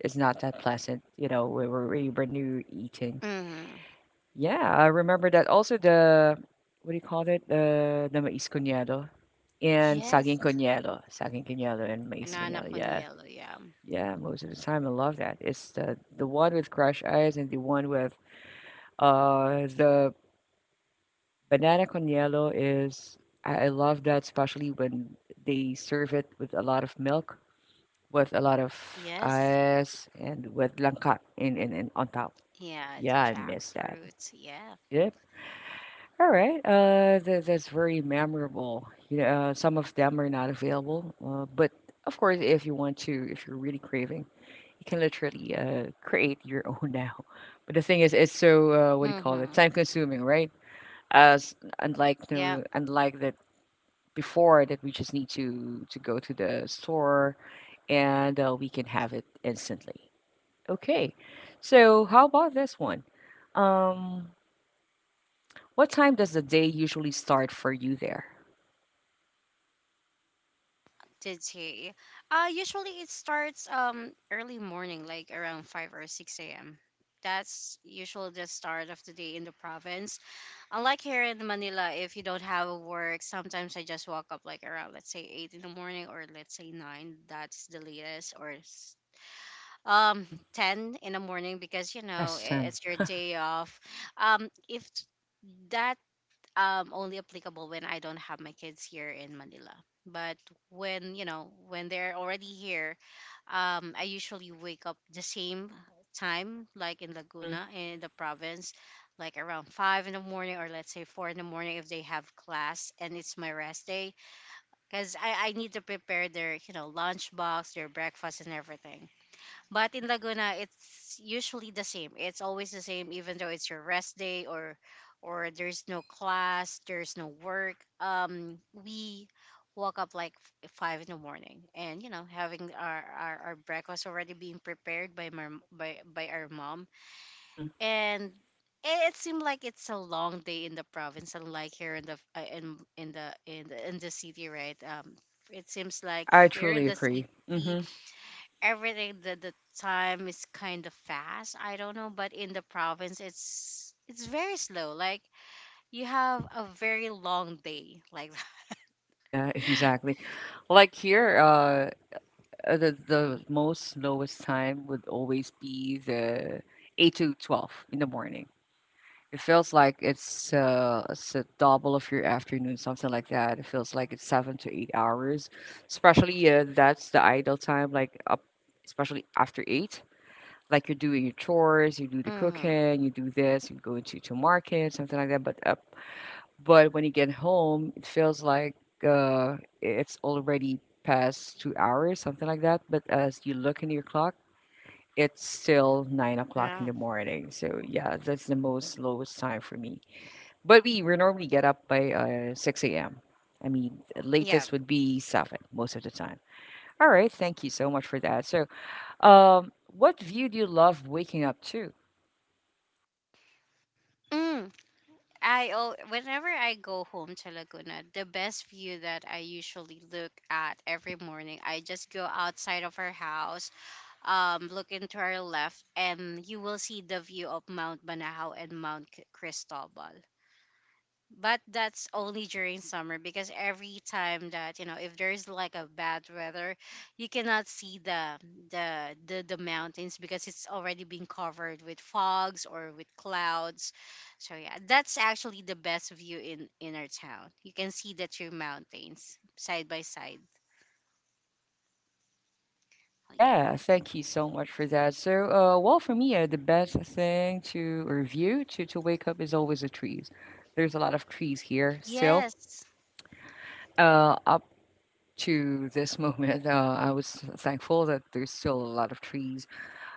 Speaker 1: it's not that pleasant, you know, when, we're when when you're eating.
Speaker 2: Hmm.
Speaker 1: Yeah, I remember that. Also the, what do you call it? The mais coñado and
Speaker 2: Yes,
Speaker 1: saging coñado and mais
Speaker 2: banana
Speaker 1: coñado.
Speaker 2: con
Speaker 1: Yeah.
Speaker 2: yellow, yeah.
Speaker 1: Yeah, most of the time I love that. It's the one with crushed ice and the one with the banana con hielo is I love that, especially when they serve it with a lot of milk, with a lot of
Speaker 2: Yes,
Speaker 1: ice and with langka in, in on top.
Speaker 2: yeah, the
Speaker 1: Yeah, I miss that.
Speaker 2: jackfruit, yeah.
Speaker 1: Yep. All right. That, that's very memorable. You know, some of them are not available, but of course if you want to, if you're really craving, you can literally create your own now. But the thing is, it's so what do you call it?
Speaker 2: Mm-hmm.
Speaker 1: Time consuming, right? As unlike
Speaker 2: Yeah,
Speaker 1: no, unlike that before, that we just need to go to the store and we can have it instantly. Okay, so how about this one? Um, what time does the day usually start for you there?
Speaker 2: did he? Usually it starts early morning, like around five or six a.m. That's usually the start of the day in the province. Unlike here in Manila, if you don't have a work, sometimes I just walk up like around, let's say, eight in the morning, or let's say nine. That's the latest, or
Speaker 1: Hmm.
Speaker 2: ten in the morning, because you know
Speaker 1: Yes, 10.
Speaker 2: it's your day off. If t- that only applicable when I don't have my kids here in Manila. But when you know when they're already here, I usually wake up the same time, like in
Speaker 1: Mm-hmm.
Speaker 2: Laguna in the province, like around five in the morning, or let's say four in the morning if they have class and it's my rest day, because I need to prepare their you know lunchbox, their breakfast, and everything. But
Speaker 1: Hmm.
Speaker 2: in Laguna, it's usually the same. It's always the same, even though it's your rest day, or there's no class, there's no work. We woke up like five in the morning, and you know, having our breakfast already being prepared by my by our mom,
Speaker 1: Hmm.
Speaker 2: and it seemed like it's a long day in the province, unlike here in the city, right? It seems like
Speaker 1: I
Speaker 2: here in
Speaker 1: truly
Speaker 2: the city
Speaker 1: agree. Hmm.
Speaker 2: everything, the time is kind of fast. I don't know. But in the province, it's very slow. Like you have a very long day like that.
Speaker 1: Yeah, exactly. Like here, the most lowest time would always be the 8 to 12 in the morning. It feels like it's a double of your afternoon, something like that. It feels like it's 7 to 8 hours, especially that's the idle time, like up, especially after eight. Like you're doing your chores, you do the
Speaker 2: mm,
Speaker 1: cooking, you do this, you go into to market, something like that. But when you get home, it feels like it's already past 2 hours, something like that. But as you look into your clock, it's still 9 o'clock in
Speaker 2: yeah.
Speaker 1: the morning. So yeah, that's the most lowest time for me. But we normally get up by 6 a.m. I mean, the
Speaker 2: Yeah.
Speaker 1: latest would be 7 most of the time. All right, thank you so much for that. So, what view do you love waking up to?
Speaker 2: Mm. I Oh, whenever I go home to Laguna, the best view that I usually look at every morning, I just go outside of our house, look into our left, and you will see the view of Mount Banahaw and Cristobal. But that's only during summer, because every time that you know if there's like a bad weather, you cannot see the the the mountains, because it's already been covered with fogs or with clouds. So yeah, that's actually the best view in our town. You can see the two mountains side by side. Yep.
Speaker 1: Yeah, thank you so much for that. So, well, for me, the best thing to review to wake up is always the trees. There's a lot of trees here still.
Speaker 2: Yes.
Speaker 1: Up to this moment, I was thankful that there's still a lot of trees.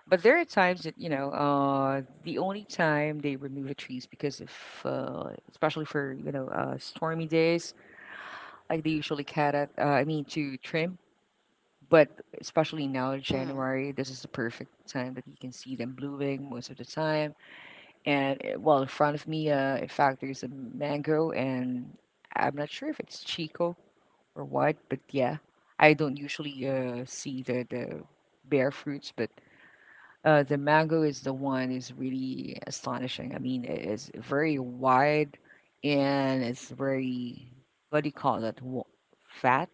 Speaker 1: But there are times that you know, the only time they remove the trees because if, especially for you know, stormy days, like they usually cut it. I mean, to trim. But especially now,
Speaker 2: Mm.
Speaker 1: January, this is the perfect time that you can see them blooming most of the time. And well, in front of me, in fact, there's a mango, and I'm not sure if it's Chico or what, but yeah, I don't usually see the bare fruits, but the mango is the one is really astonishing. I mean, it is very wide and it's very, what do you call that? Fat?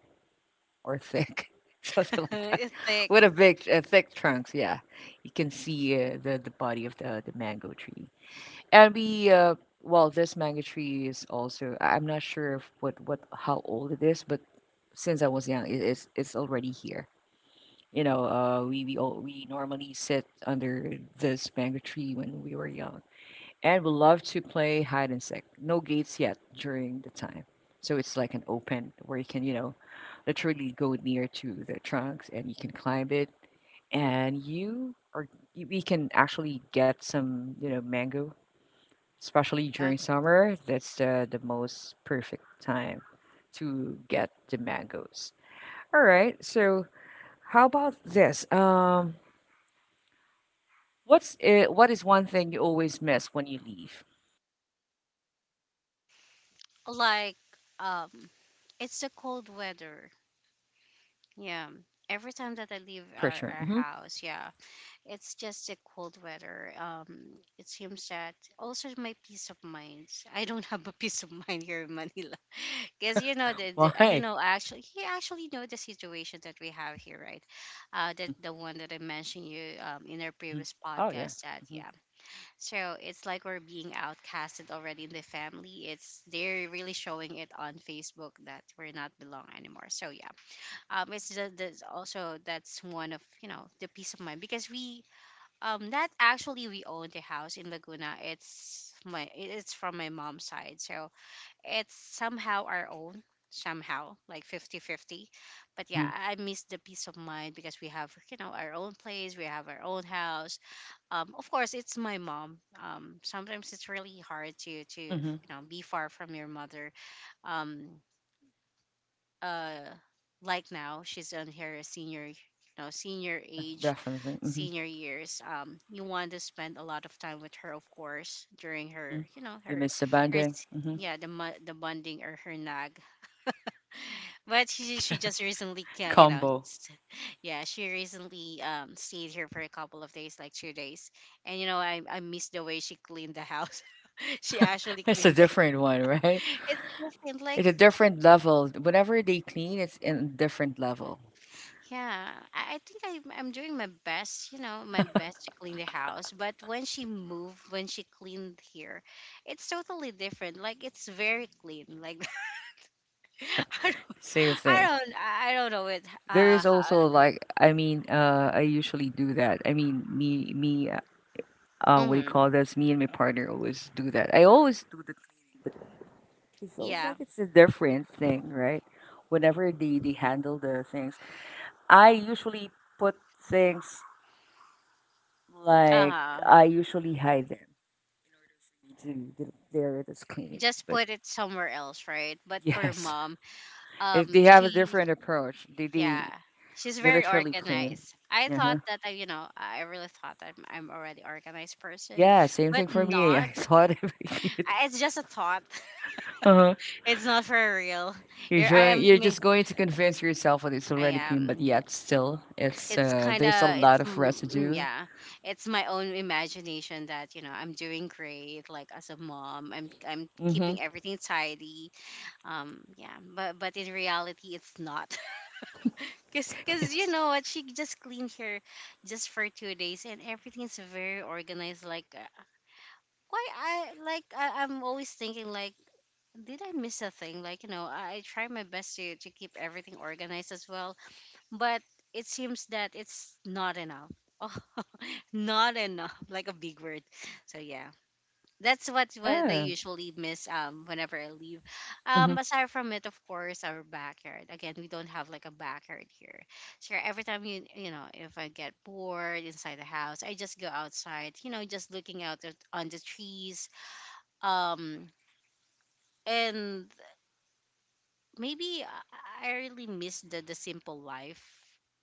Speaker 1: Or thick, something like that,
Speaker 2: It's thick.
Speaker 1: with a big, thick trunks. Yeah, you can see the body of the mango tree, and we. Well, this mango tree is also. I'm not sure if what what how old it is, but since I was young, it's already here. You know, we normally sit under this mango tree when we were young and we love to play hide and seek. No gates yet during the time. So it's like an open where you can, you know, literally go near to the trunks and you can climb it and we can actually get some, you know, mango, especially
Speaker 2: Yeah.
Speaker 1: during summer. That's the most perfect time to get the mangoes. All right. So how about this? What's it, what is one thing you always miss when you leave?
Speaker 2: Like, um, it's a cold weather. Yeah. Every time that I leave
Speaker 1: Temperature.
Speaker 2: our
Speaker 1: Hmm.
Speaker 2: house, yeah, it's just a cold weather. It seems that also my peace of mind. I don't have a peace of mind here in Manila, because you know the you
Speaker 1: Why?
Speaker 2: know actually he actually know the situation that we have here, right? That the one that I mentioned you in our
Speaker 1: Mhm.
Speaker 2: previous
Speaker 1: Oh, yeah.
Speaker 2: podcast, that
Speaker 1: Mhm.
Speaker 2: yeah. So it's like we're being outcasted already in the family. It's they're really showing it on Facebook that we're not belong anymore. So yeah, it's the also that's one of you know the peace of mind, because we, um, that actually we own the house in Laguna. It's it's from my mom's side, so it's somehow our own, somehow like 50 50. But yeah,
Speaker 1: Mhm.
Speaker 2: I miss the peace of mind because we have you know our own place, we have our own house. Um, of course, it's my mom. Um, sometimes it's really hard to you
Speaker 1: Mhm.
Speaker 2: know be far from your mother. um uh like now, she's on her senior, you know, senior
Speaker 1: Yeah,
Speaker 2: age,
Speaker 1: definitely. Mhm.
Speaker 2: senior years. Um, you want to spend a lot of time with her, of course, during her,
Speaker 1: Mhm.
Speaker 2: you know,
Speaker 1: You miss the
Speaker 2: her
Speaker 1: bonding.
Speaker 2: s-
Speaker 1: Mhm.
Speaker 2: yeah, the bonding, or her nag. But she just recently you know
Speaker 1: Combo.
Speaker 2: yeah, she recently stayed here for a couple of days, like two days, and you know I miss the way she cleaned the house. She actually
Speaker 1: It's a
Speaker 2: cleaned the...
Speaker 1: different one, right?
Speaker 2: It's different, like...
Speaker 1: It's a different level. Whenever they clean, it's in a different level.
Speaker 2: Yeah, I think I'm doing my best, you know, my best to clean the house. But when she moved, when she cleaned here, it's totally different. Like it's very clean. Like I don't,
Speaker 1: Same thing.
Speaker 2: I don't know it.
Speaker 1: There is also like, I mean, I usually do that. I mean, what do you
Speaker 2: Mm,
Speaker 1: call this? Me and my partner always do that. I always do the. It feels
Speaker 2: yeah.
Speaker 1: like it's a different thing, right? Whenever they handle the things, I usually put things.
Speaker 2: Uh
Speaker 1: Like
Speaker 2: huh.
Speaker 1: I usually hide them to they're this clean.
Speaker 2: Just
Speaker 1: But
Speaker 2: put it somewhere else, right? But for
Speaker 1: yes,
Speaker 2: mom,
Speaker 1: if
Speaker 2: um,
Speaker 1: they have a
Speaker 2: she,
Speaker 1: different approach,
Speaker 2: yeah, she's
Speaker 1: they
Speaker 2: very
Speaker 1: literally clean.
Speaker 2: organized. I
Speaker 1: Uh huh.
Speaker 2: thought that I, you know, I really thought that I'm already organized person,
Speaker 1: Yeah, same
Speaker 2: but
Speaker 1: thing for me.
Speaker 2: not.
Speaker 1: I saw it every kid.
Speaker 2: It's just a thought.
Speaker 1: Uh-huh.
Speaker 2: It's not for real.
Speaker 1: You're
Speaker 2: You're, I am.
Speaker 1: showing, you're just going to convince yourself that it's
Speaker 2: I
Speaker 1: already clean, but
Speaker 2: am.
Speaker 1: yet still, it's
Speaker 2: It's kind
Speaker 1: there's a
Speaker 2: of. It's
Speaker 1: lot of residue.
Speaker 2: yeah. It's my own imagination that you know I'm doing great. Like as a mom, I'm
Speaker 1: Mm-hmm.
Speaker 2: keeping everything tidy. Yeah. But in reality, it's not. Cause cause you
Speaker 1: Yes.
Speaker 2: know what? She just cleaned here just for two days, and everything's very organized. Like why I like I'm always thinking like, did I miss a thing? Like, you know, I try my best to keep everything organized as well, but it seems that it's not enough. Oh, not enough, like a big word. So yeah, that's what they
Speaker 1: Yeah.
Speaker 2: usually miss whenever I leave.
Speaker 1: Mm-hmm.
Speaker 2: Aside from it, of course, our backyard. Again, we don't have like a backyard here. So yeah, every time you know, if I get bored inside the house, I just go outside. You know, just looking out at, on the trees. Um, and maybe I really miss the simple life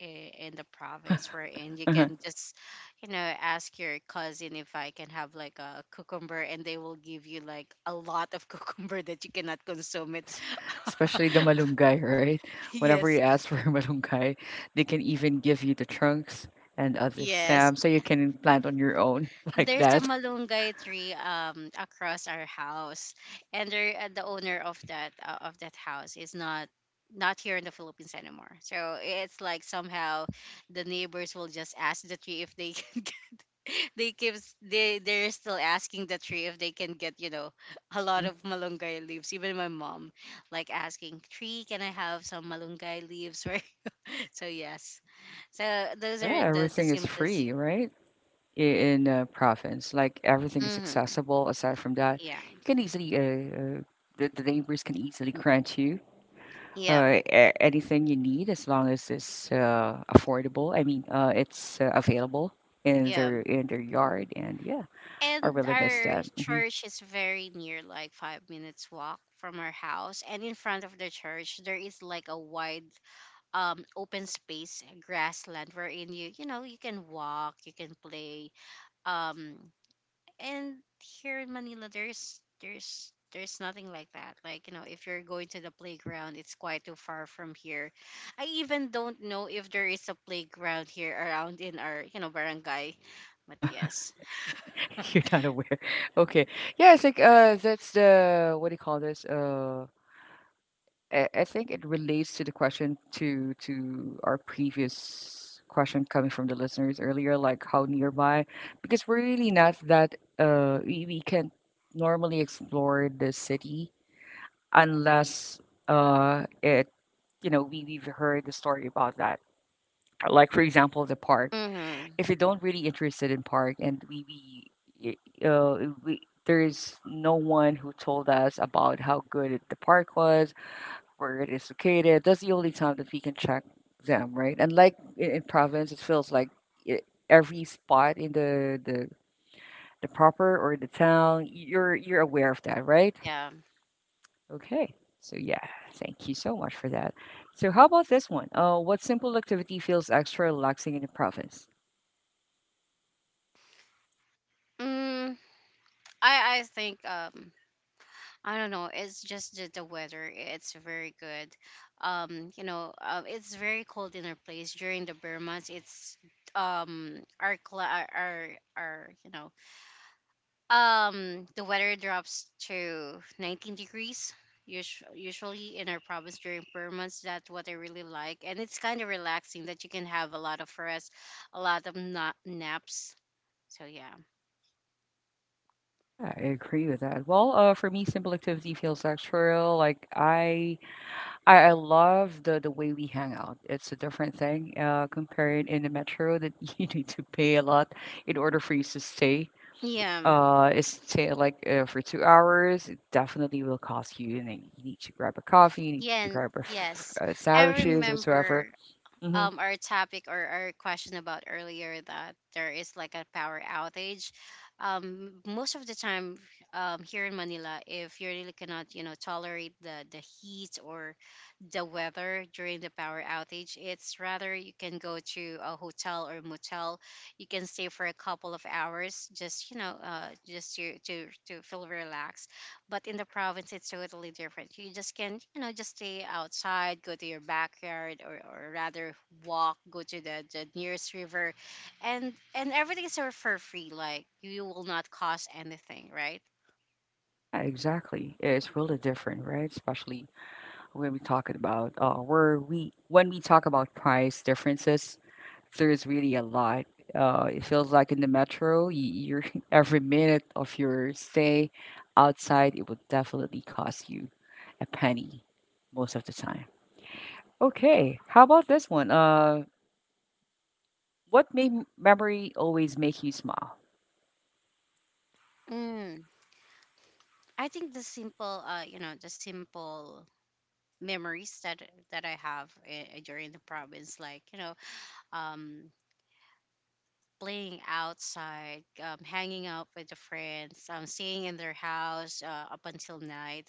Speaker 2: i- in the province wherein you can just you know ask your cousin if I can have like a cucumber, and they will give you like a lot of cucumber that you cannot consume it.
Speaker 1: Yes, especially the malunggay, right? Whenever you
Speaker 2: Yes,
Speaker 1: ask for malunggay, they can even give you the trunks and other
Speaker 2: yes.
Speaker 1: stamps so you can plant on your own like
Speaker 2: There's a
Speaker 1: that.
Speaker 2: malunggay tree across our house, and the owner of that house is not here in the Philippines anymore. So it's like somehow the neighbors will just ask the tree if they can get, they're still asking the tree if they can get, you know, a lot
Speaker 1: Hmm.
Speaker 2: of malunggay leaves. Even my mom, like, asking tree, can I have some malunggay leaves? Right. So yes, so those
Speaker 1: Yeah,
Speaker 2: are the
Speaker 1: everything is
Speaker 2: simplest.
Speaker 1: free, right? I- In province, like everything is
Speaker 2: Mm-hmm.
Speaker 1: accessible. Aside from that,
Speaker 2: Yeah.
Speaker 1: you can easily the neighbors can easily grant you
Speaker 2: Yeah.
Speaker 1: anything you need as long as it's affordable. I mean, it's available
Speaker 2: Yeah.
Speaker 1: in their yard, and yeah. I
Speaker 2: And
Speaker 1: really miss
Speaker 2: our
Speaker 1: that. Mhm.
Speaker 2: church is very near, like 5 minutes walk from our house. And in front of the church, there is like a wide, open space, grassland, wherein you, you know, you can walk, you can play. Um, and here in Manila, there's nothing like that. Like, you know, if you're going to the playground, it's quite too far from here. I even don't know if there is a playground here around in our, you know, barangay. But
Speaker 1: Uh-huh.
Speaker 2: yes.
Speaker 1: You're not aware. Okay. Yeah, I think that's the, what do you call this? I think it relates to the question to our previous question coming from the listeners earlier, like how nearby, because we're really not that we can normally explore the city unless it you know, we've heard the story about that. Like for example the park.
Speaker 2: Hmm.
Speaker 1: If you don't really interested in park, and we y- we there's no one who told us about how good it- the park was, where it is located. That's the only time that we can check them, right? And like in province, it feels like it, every spot in the proper or the town, you're aware of that, right?
Speaker 2: Yeah.
Speaker 1: Okay, so yeah, thank you so much for that. So how about this one? What simple activity feels extra relaxing in the province?
Speaker 2: Mm, I think I don't know. It's just the weather. It's very good. You know, it's very cold in our place during the bear months. It's our cla our you know the weather drops to 19 degrees. Usually in our province during bear months, that's what I really like, and it's kind of relaxing that you can have a lot of rest, a lot of naps. So yeah,
Speaker 1: Yeah, I agree with that. Well, for me, simple activity feels extra. I love the way we hang out. It's a different thing compared in the metro that you need to pay a lot in order for you to stay.
Speaker 2: yeah.
Speaker 1: Is stay like for 2 hours. It definitely will cost you, and then you need to grab a coffee. You need to
Speaker 2: Yeah,
Speaker 1: grab a
Speaker 2: yes. I
Speaker 1: sandwiches,
Speaker 2: remember
Speaker 1: whatsoever. Hmm.
Speaker 2: our topic or our question about earlier that there is like a power outage. Most of the time here in Manila, if you really cannot, you know, tolerate the heat or the weather during the power outage, it's rather you can go to a hotel or motel. You can stay for a couple of hours, just, you know, just to feel relaxed. But in the province, it's totally different. You just can, you know, just stay outside, go to your backyard, or rather walk, go to the nearest river, and everything is for free. Like you will not cost anything, right?
Speaker 1: Yeah, exactly. It's really different, right? Especially when we talking about where we when we talk about price differences, there's really a lot. It feels like in the metro, you're every minute of your stay outside, it would definitely cost you a penny most of the time. Okay, how about this one? What made memory always make you smile?
Speaker 2: Mm. I think you know, the simple memories that I have during the province, like, you know, um, playing outside, hanging out with the friends, staying in their house up until night,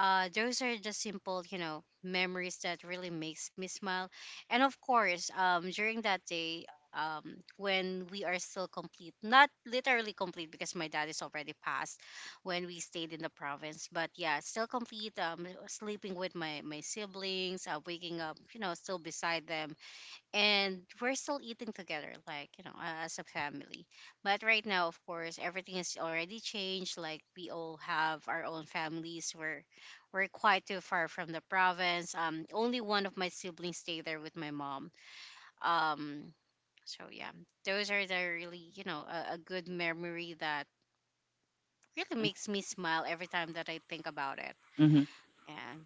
Speaker 2: those are just simple, you know, memories that really makes me smile. And of course, during that day, when we are still complete, not literally complete because my dad is already passed when we stayed in the province, but yeah, still complete, sleeping with my siblings, waking up, you know, still beside them, and we're still eating together like, you know, as a family. But right now, of course, everything is already changed. Like, we all have our own families. We're quite too far from the province. Only one of my siblings stay there with my mom. um so yeah, those are the really, you know, a good memory that really
Speaker 1: Mm-hmm.
Speaker 2: makes me smile every time that I think about it.
Speaker 1: Mm-hmm.
Speaker 2: And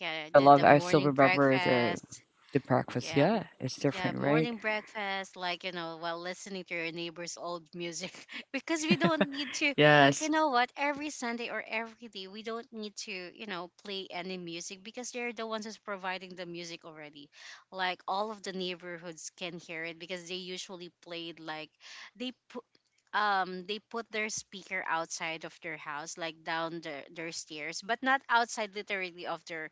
Speaker 2: yeah,
Speaker 1: Yeah, love.
Speaker 2: the
Speaker 1: I still
Speaker 2: morning
Speaker 1: remember
Speaker 2: breakfast.
Speaker 1: the breakfast.
Speaker 2: Yeah.
Speaker 1: Yeah, it's
Speaker 2: Yeah,
Speaker 1: different, right?
Speaker 2: morning breakfast, like, you know, while listening to your neighbor's old music. Because we don't need to, you
Speaker 1: Yes.
Speaker 2: know what, every Sunday or every day, we don't need to, you know, play any music because they're the ones who's providing the music already. Like, all of the neighborhoods can hear it because they usually played, like, they put. They put their speaker outside of their house, like down their stairs, but not outside literally of their,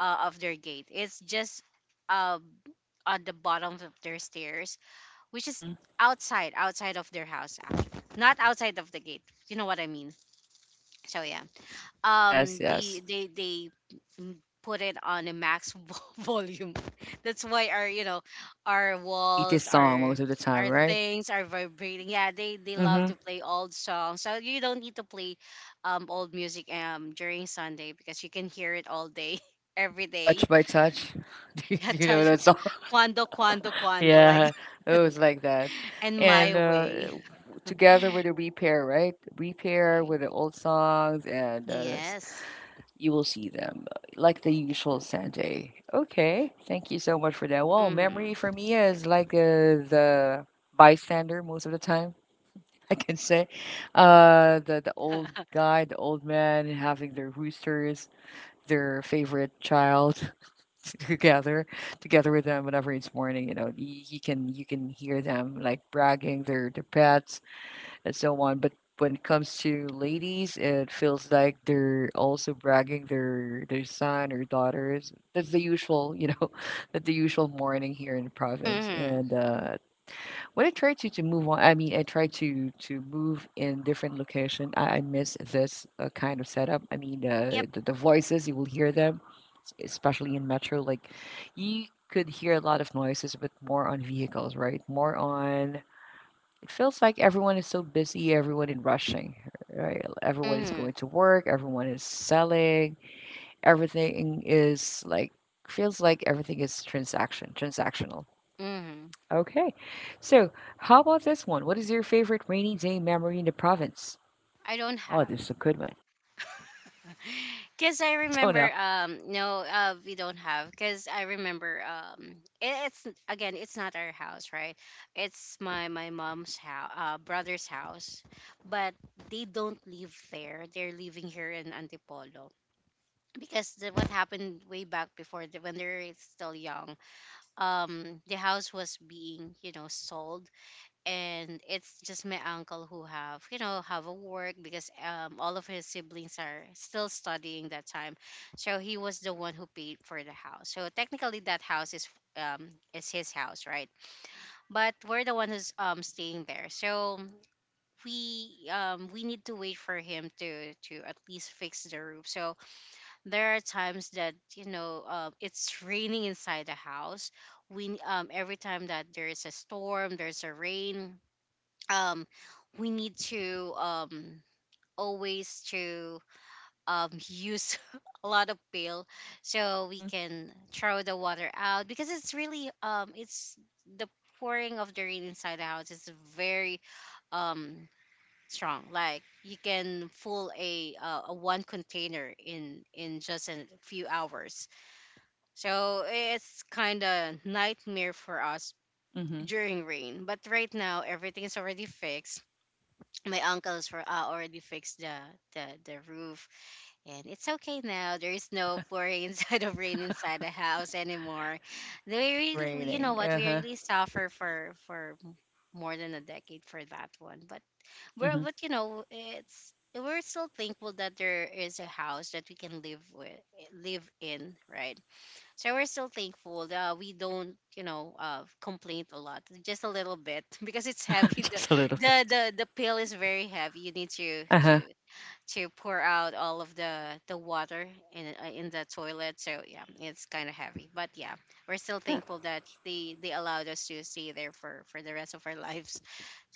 Speaker 2: uh, of their gate. It's just, um on the bottom of their stairs, which is
Speaker 1: Mm-hmm.
Speaker 2: outside, outside of their house actually, not outside of the gate. You know what I mean? So yeah,
Speaker 1: Yes. Yes.
Speaker 2: the they mm, put it on a max volume. That's why our, you know, our
Speaker 1: I ate
Speaker 2: walls,
Speaker 1: this song most of the time,
Speaker 2: our
Speaker 1: right?
Speaker 2: things are vibrating. Yeah, they love
Speaker 1: Mm-hmm.
Speaker 2: to play old songs, so you don't need to play old music during Sunday because you can hear it all day. Every day,
Speaker 1: Touch by touch. Do you
Speaker 2: yeah,
Speaker 1: do you know
Speaker 2: touch-
Speaker 1: that song?
Speaker 2: quando, quando, quando, like
Speaker 1: Yeah, it was like that.
Speaker 2: and my
Speaker 1: And
Speaker 2: way.
Speaker 1: together with the repair, right? Repair
Speaker 2: Mm,
Speaker 1: with the old songs, and
Speaker 2: yes.
Speaker 1: you will see them like the
Speaker 2: Yeah.
Speaker 1: usual Sanjay. Okay, thank you so much for that. Well, memory
Speaker 2: Hmm.
Speaker 1: for me is like the bystander most of the time, I can say. The old guy, the old man having their roosters, their favorite child. together together with them whenever it's morning, he, you can hear them like bragging their pets and so on. But when it comes to ladies, it feels like they're also bragging their son or daughters. That's the usual, that's the usual morning here in the province.
Speaker 2: Hmm.
Speaker 1: And when I try to move on, I mean, I try to move in different location. I miss this kind of setup. I mean,
Speaker 2: Yep.
Speaker 1: the voices, you will hear them, especially in metro. Like, you could hear a lot of noises, but more on vehicles, right? More on. It feels like everyone is so busy. Everyone is rushing, right? Everyone is going
Speaker 2: Hmm.
Speaker 1: to work. Everyone is selling. Everything is like, feels like everything is transaction transactional.
Speaker 2: Hmm.
Speaker 1: Okay. So, how about this one? What is your favorite rainy day memory in the province?
Speaker 2: I don't
Speaker 1: Oh,
Speaker 2: have.
Speaker 1: this is a good one.
Speaker 2: Because I
Speaker 1: Arizona.
Speaker 2: remember, no, we don't have. Because I remember, it, it's, again, it's not our house, right? It's my mom's brother's house. But they don't live there. They're living here in Antipolo. Because what happened way back before, the, when they're still young, the house was being, you know, sold, and it's just my uncle who have, you know, have a work because all of his siblings are still studying that time. So he was the one who paid for the house. So technically that house um is his house, right? But we're the one who's staying there. So we need to wait for him to at least fix the roof. So there are times that, you know, it's raining inside the house. We every time that there's a storm, there's a rain um, we need to always to use a lot of pail so we
Speaker 1: Mm-hmm.
Speaker 2: can throw the water out because it's really it's the pouring of the rain inside the house is very um, strong. Like you can full a one container in just a few hours. So it's kind of nightmare for us
Speaker 1: Mm-hmm.
Speaker 2: during rain. But right now everything is already fixed. My uncles for already fixed the, the roof, and it's okay now. There is no pouring inside of rain inside the house anymore. They really, we- you know
Speaker 1: Raining.
Speaker 2: what, we
Speaker 1: Uh-huh.
Speaker 2: really suffer for more than a decade for that one. But we're,
Speaker 1: Mm-hmm.
Speaker 2: but you know, it's we're still thankful that there is a house that we can live with, live in, right? So we're still thankful. We don't, you know, complain a lot, just a little bit because it's heavy. The,
Speaker 1: Just a little
Speaker 2: the
Speaker 1: bit.
Speaker 2: the the pill is very heavy. You need to
Speaker 1: Uh-huh.
Speaker 2: to to pour out all of the water in in the toilet. So yeah, it's kind of heavy. But yeah, we're still
Speaker 1: Yeah.
Speaker 2: thankful that they allowed us to stay there for the rest of our lives.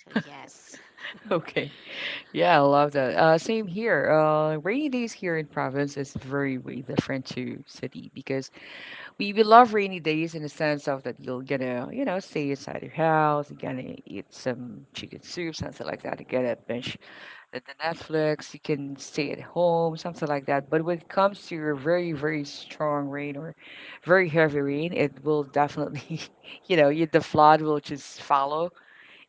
Speaker 2: So yes,
Speaker 1: Okay. Yeah, I love that. Same here. Rainy days here in province is very, way different to city, because we love rainy days in the sense of that you're gonna, you know, stay inside your house, you're gonna eat some chicken soup, something like that, you're gonna binge the Netflix, you can stay at home, something like that. But when it comes to your very, very strong rain or very heavy rain, it will definitely, you know, you, the flood will just follow.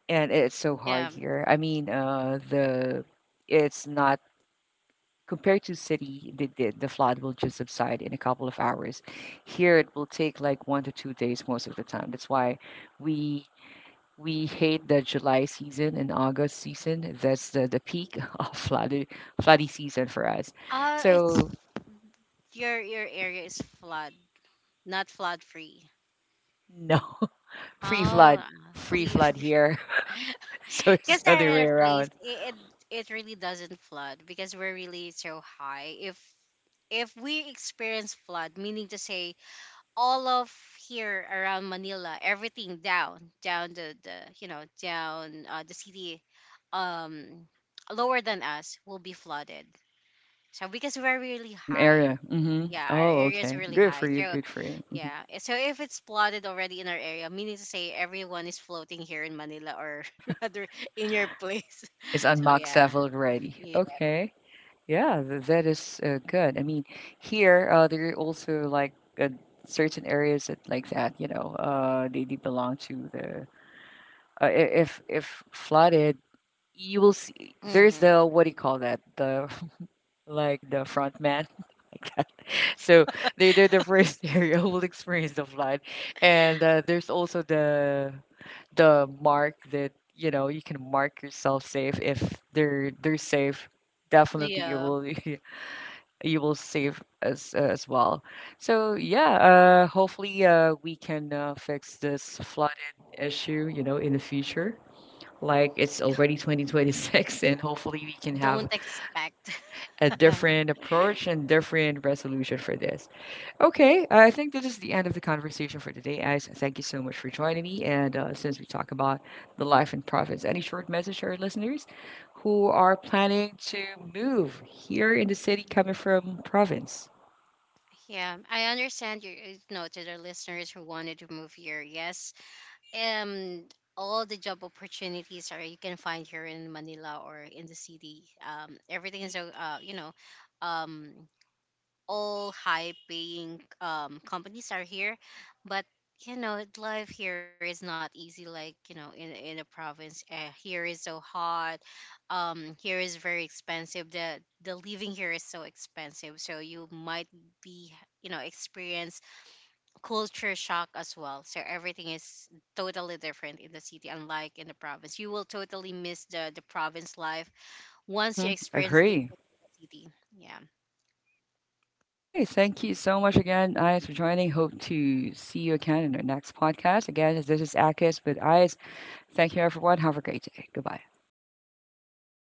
Speaker 1: And it's so hard
Speaker 2: yeah.
Speaker 1: here. I mean, the, it's not compared to city. The, the flood will just subside in a couple of hours. Here, it will take like 1 to 2 days most of the time. That's why we we hate the July season and August season. That's the peak of flooded floody season for us.
Speaker 2: It's
Speaker 1: So
Speaker 2: your area is flood, not flood free.
Speaker 1: no, free
Speaker 2: Oh,
Speaker 1: flood, free
Speaker 2: flea
Speaker 1: flood here. So it's
Speaker 2: because
Speaker 1: the
Speaker 2: our
Speaker 1: other way
Speaker 2: airplanes,
Speaker 1: around.
Speaker 2: it really doesn't flood because we're really so high. If we experience flood, meaning to say all of here around Manila, everything down, down the, you know, down the city, um, lower than us will be flooded. So because we're really
Speaker 1: There's some
Speaker 2: high,
Speaker 1: area. Mm-hmm.
Speaker 2: yeah, our
Speaker 1: Oh,
Speaker 2: area is
Speaker 1: okay.
Speaker 2: really
Speaker 1: Good for
Speaker 2: high.
Speaker 1: you.
Speaker 2: So
Speaker 1: Good for you.
Speaker 2: yeah, eh, so if it's flooded already in our area, meaning to say everyone is floating here in Manila, or rather in your place.
Speaker 1: It's on
Speaker 2: So
Speaker 1: max
Speaker 2: yeah,
Speaker 1: level already.
Speaker 2: yeah,
Speaker 1: Okay. Yeah, that is good. I mean, here there are also like certain areas that like that. You know, they belong to the uh, i- if flooded, you will see there's
Speaker 2: mm-hmm.
Speaker 1: the, what do you call that, the like the front man, like that. So they, they're the first area who will experience the flood. And there's also the mark that, you know, you can mark yourself safe. If they're they're safe, definitely you
Speaker 2: Yeah,
Speaker 1: will you will save as well. So yeah, hopefully we can fix this flooded issue, you know, in the future. Like, it's already 2026, and hopefully we can
Speaker 2: don't
Speaker 1: have
Speaker 2: expect.
Speaker 1: a different approach and different resolution for this. Okay, I think this is the end of the conversation for today, guys. Thank you so much for joining me. And since we talk about the life and profits, any short message to our listeners who are planning to move here in the city coming from province?
Speaker 2: Yeah, I understand your, you know, to the listeners who wanted to move here. Yes, um, all the job opportunities are you can find here in Manila or in the city. Everything is you know, um, all high paying companies are here, but you know life here is not easy like, you know, in the province, here is so hot, here is very expensive, the living here is so expensive. So you might be, you know, experience culture shock as well. So everything is totally different in the city. Unlike in the province, you will totally miss the province life once
Speaker 1: Mm-hmm.
Speaker 2: you experience living
Speaker 1: Agree.
Speaker 2: in the city. Yeah.
Speaker 1: Okay, thank you so much again, Ayaz, for joining. Hope to see you again in our next podcast. Again, this is Akis with Ayaz. Thank you, everyone. Have a great day. Goodbye.